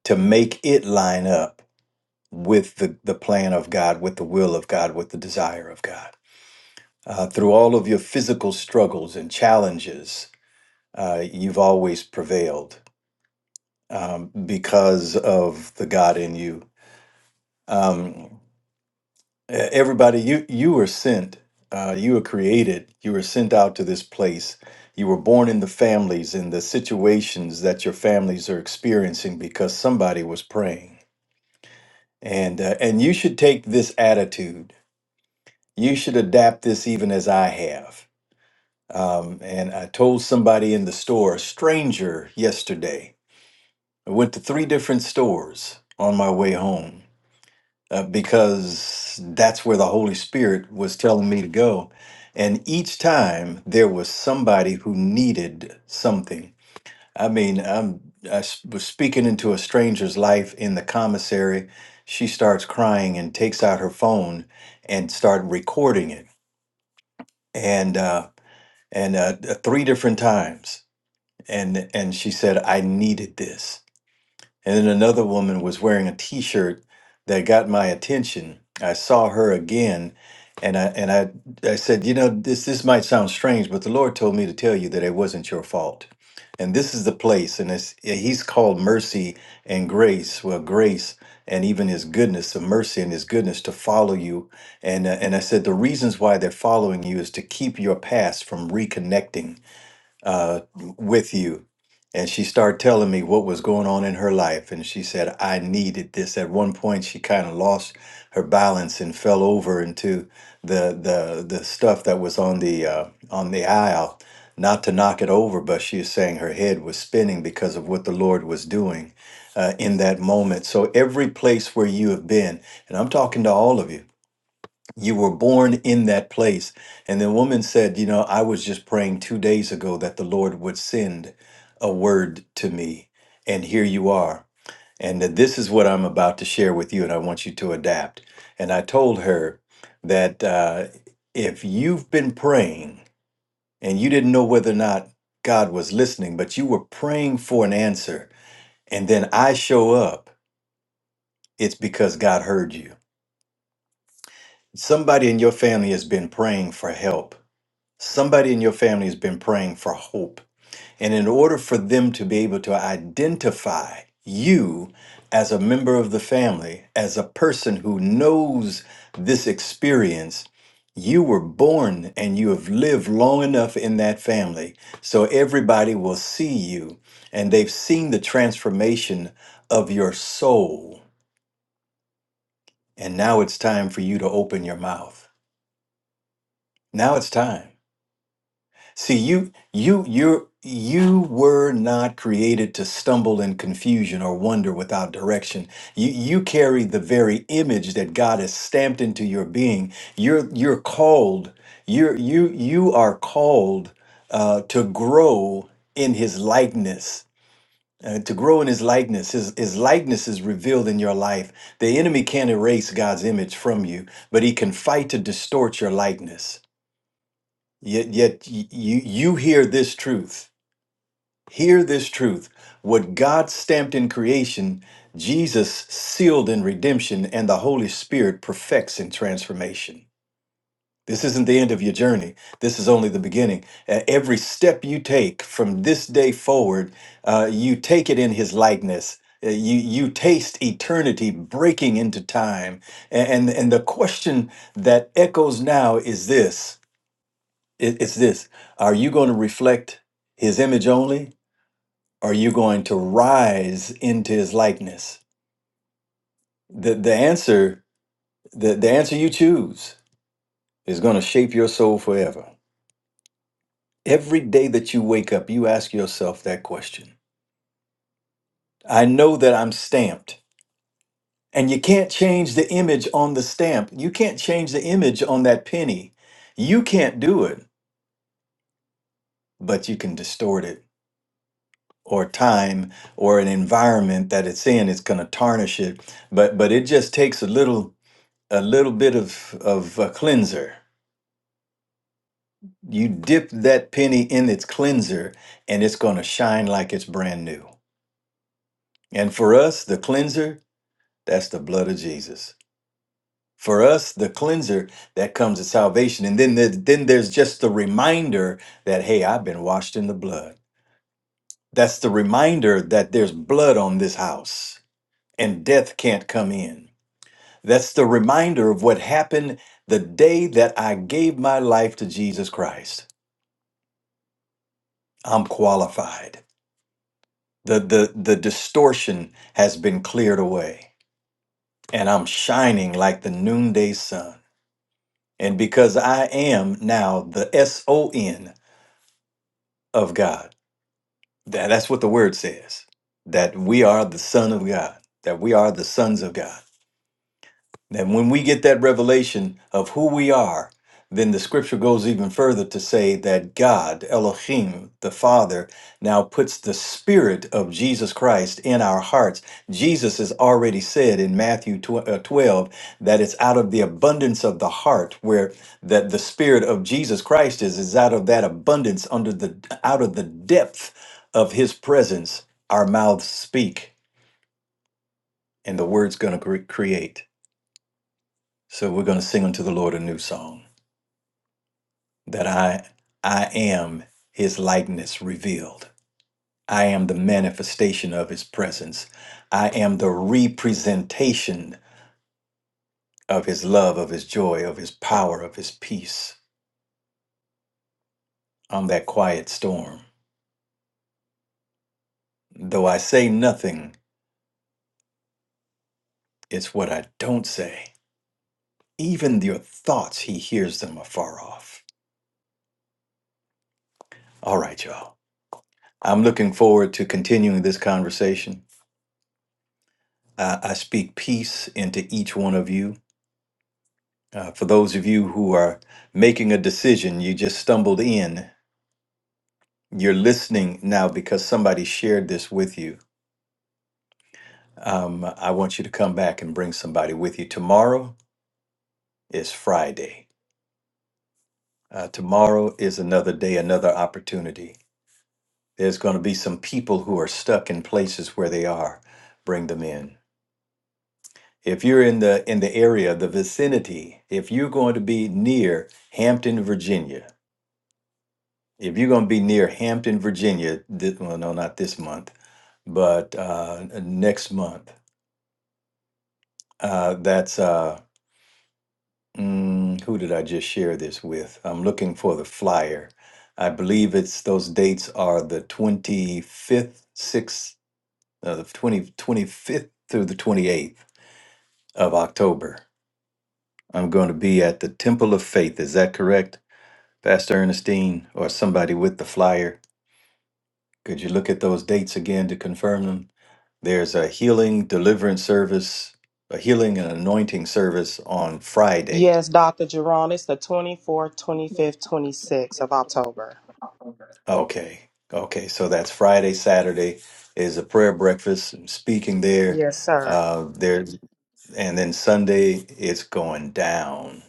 to make it line up with the, the plan of God, with the will of God, with the desire of God. Uh, through all of your physical struggles and challenges, uh, you've always prevailed um, because of the God in you. Um, Uh, everybody you you were sent uh, you were created you were sent out to this place you were born in the families and the situations that your families are experiencing because somebody was praying and uh, and you should take this attitude you should adapt this even as i have um, and i told somebody in the store a stranger yesterday i went to three different stores on my way home uh, because that's where the Holy Spirit was telling me to go. And each time there was somebody who needed something. I mean, I'm, I s- was speaking into a stranger's life in the commissary. She starts crying and takes out her phone and start recording it. And uh, and uh, th- three different times. And and she said, "I needed this." And then another woman was wearing a T-shirt that got my attention. I saw her again, and I and I I said, you know, this this might sound strange, but the Lord told me to tell you that it wasn't your fault. And this is the place, and it's, yeah, He's called mercy and grace. Well, grace and even His goodness, the mercy and His goodness to follow you. And uh, and I said the reasons why they're following you is to keep your past from reconnecting uh, with you. And she started telling me what was going on in her life. And she said, I needed this. At one point, she kind of lost her balance and fell over into the, the, the stuff that was on the, uh, on the aisle, not to knock it over, but she was saying her head was spinning because of what the Lord was doing uh, in that moment. So every place where you have been, and I'm talking to all of you, you were born in that place. And the woman said, You know, I was just praying two days ago that the Lord would send a word to me. And here you are. And that this is what I'm about to share with you, and I want you to adapt. And I told her that uh, if you've been praying and you didn't know whether or not God was listening, but you were praying for an answer, and then I show up, it's because God heard you. Somebody in your family has been praying for help Somebody in your family has been praying for hope. And in order for them to be able to identify you as a member of the family, as a person who knows this experience, you were born and you have lived long enough in that family. So everybody will see you and they've seen the transformation of your soul. And now it's time for you to open your mouth. Now it's time. See, you you you you were not created to stumble in confusion or wander without direction. You you carry the very image that God has stamped into your being. You're you're called. You're you you are called uh, to grow in His likeness. uh, to grow in his likeness his, his likeness is revealed in your life the enemy can't erase god's image from you but he can fight to distort your likeness Yet, yet y- you you hear this truth. Hear this truth. What God stamped in creation, Jesus sealed in redemption, and the Holy Spirit perfects in transformation. This isn't the end of your journey. This is only the beginning. Uh, every step you take from this day forward, uh, you take it in His likeness. Uh, you you taste eternity breaking into time, and and, and the question that echoes now is this it, it's this are you going to reflect his image only or are you going to rise into his likeness the the answer the, the answer you choose is going to shape your soul forever every day that you wake up you ask yourself that question i know that i'm stamped and you can't change the image on the stamp you can't change the image on that penny you can't do it but you can distort it or time or an environment that it's in it's going to tarnish it but but it just takes a little a little bit of of a cleanser you dip that penny in its cleanser and it's going to shine like it's brand new and for us the cleanser that's the blood of jesus for us the cleanser that comes to salvation and then the, then there's just the reminder that hey i've been washed in the blood that's the reminder that there's blood on this house and death can't come in That's the reminder of what happened the day that I gave my life to Jesus Christ. I'm qualified. The, the, the distortion has been cleared away, and I'm shining like the noonday sun. And because I am now the S O N of God, that, that's what the word says that we are the Son of God, that we are the sons of God. And when we get that revelation of who we are, then the scripture goes even further to say that God, Elohim, the Father, now puts the Spirit of Jesus Christ in our hearts. Jesus has already said in Matthew tw- uh, 12 that it's out of the abundance of the heart where that the Spirit of Jesus Christ is, is out of that abundance under the out of the depth of his presence, our mouths speak and the word's going to cre- create. So we're going to sing unto the Lord a new song that I I am his likeness revealed. I am the manifestation of his presence. I am the representation of his love, of his joy, of his power, of his peace on that quiet storm. Though I say nothing, it's what I don't say. Even your thoughts, he hears them afar off. All right, y'all. I'm looking forward to continuing this conversation. I, I speak peace into each one of you. Uh, for those of you who are making a decision, you just stumbled in. You're listening now because somebody shared this with you. Um, I want you to come back and bring somebody with you. Tomorrow is Friday. Uh, tomorrow is another day, another opportunity. There's going to be some people who are stuck in places where they are. Bring them in. If you're in the in the area, the vicinity, if you're going to be near Hampton, Virginia, if you're going to be near Hampton, Virginia, this, well, no, not this month, but uh, next month, uh, that's uh, mm, who did I just share this with? I'm looking for the flyer. I believe it's those dates are the 25th, 6th, uh, the 20, 25th through the 28th of October. I'm going to be at the Temple of Faith. Is that correct, Pastor Ernestine, or somebody with the flyer? Could you look at those dates again to confirm them? There's a healing deliverance service, a healing and anointing service on Friday.
Yes, Dr. Jerome, it's the 24th, 25th, 26th of October.
Okay. Okay. So that's Friday, Saturday is a prayer breakfast, I'm speaking there.
Yes, sir.
Uh, there and then Sunday it's going down.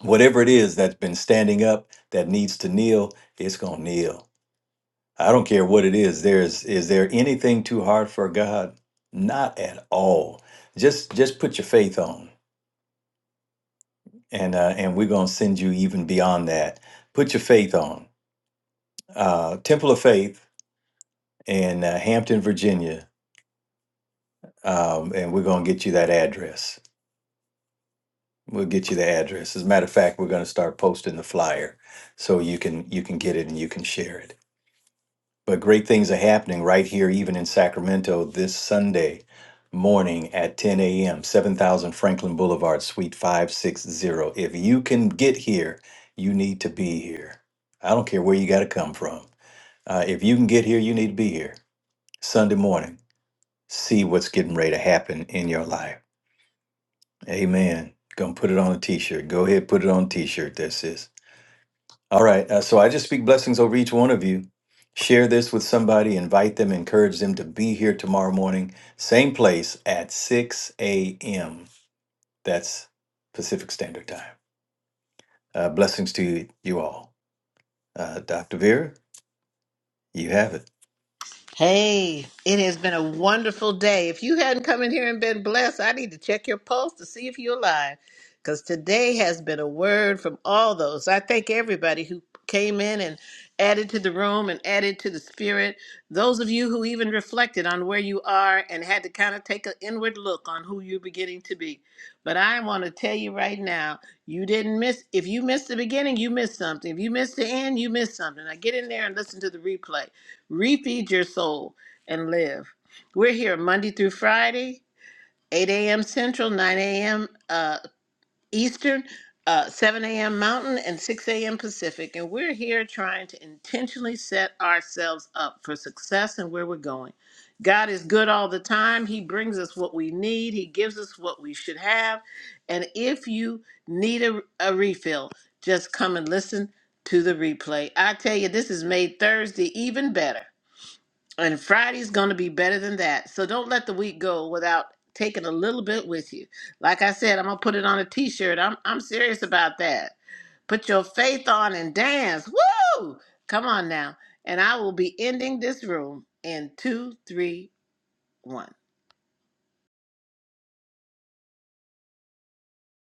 Whatever it is that's been standing up that needs to kneel, it's gonna kneel. I don't care what it is. There's is there anything too hard for God? Not at all. Just just put your faith on and uh, and we're going to send you even beyond that. Put your faith on uh, Temple of Faith in uh, Hampton, Virginia, um, and we're going to get you that address. We'll get you the address. As a matter of fact, we're going to start posting the flyer so you can you can get it and you can share it. But great things are happening right here, even in Sacramento, this Sunday morning at 10 a.m., 7000 Franklin Boulevard, Suite 560. If you can get here, you need to be here. I don't care where you got to come from. Uh, if you can get here, you need to be here. Sunday morning, see what's getting ready to happen in your life. Amen. Gonna put it on a t shirt. Go ahead, put it on a t shirt. That's it. All right. Uh, so I just speak blessings over each one of you. Share this with somebody, invite them, encourage them to be here tomorrow morning, same place at 6 a.m. That's Pacific Standard Time. Uh, blessings to you, all. Uh, Dr. Vera, you have it.
Hey, it has been a wonderful day. If you hadn't come in here and been blessed, I need to check your pulse to see if you're alive. Because today has been a word from all those. I thank everybody who came in and added to the room and added to the spirit. Those of you who even reflected on where you are and had to kind of take an inward look on who you're beginning to be. But I want to tell you right now, you didn't miss. If you missed the beginning, you missed something. If you missed the end, you missed something. Now get in there and listen to the replay Refeed your soul and live. We're here Monday through Friday, 8 a.m. Central, 9 a.m. Uh, Eastern, uh, 7 a.m. Mountain, and 6 a.m. Pacific. And we're here trying to intentionally set ourselves up for success and where we're going. God is good all the time. He brings us what we need, He gives us what we should have. And if you need a, a refill, just come and listen to the replay. I tell you, this has made Thursday even better. And Friday's going to be better than that. So don't let the week go without taking a little bit with you. Like I said, I'm going to put it on a t shirt. I'm, I'm serious about that. Put your faith on and dance. Woo! Come on now. And I will be ending this room in two, three, one.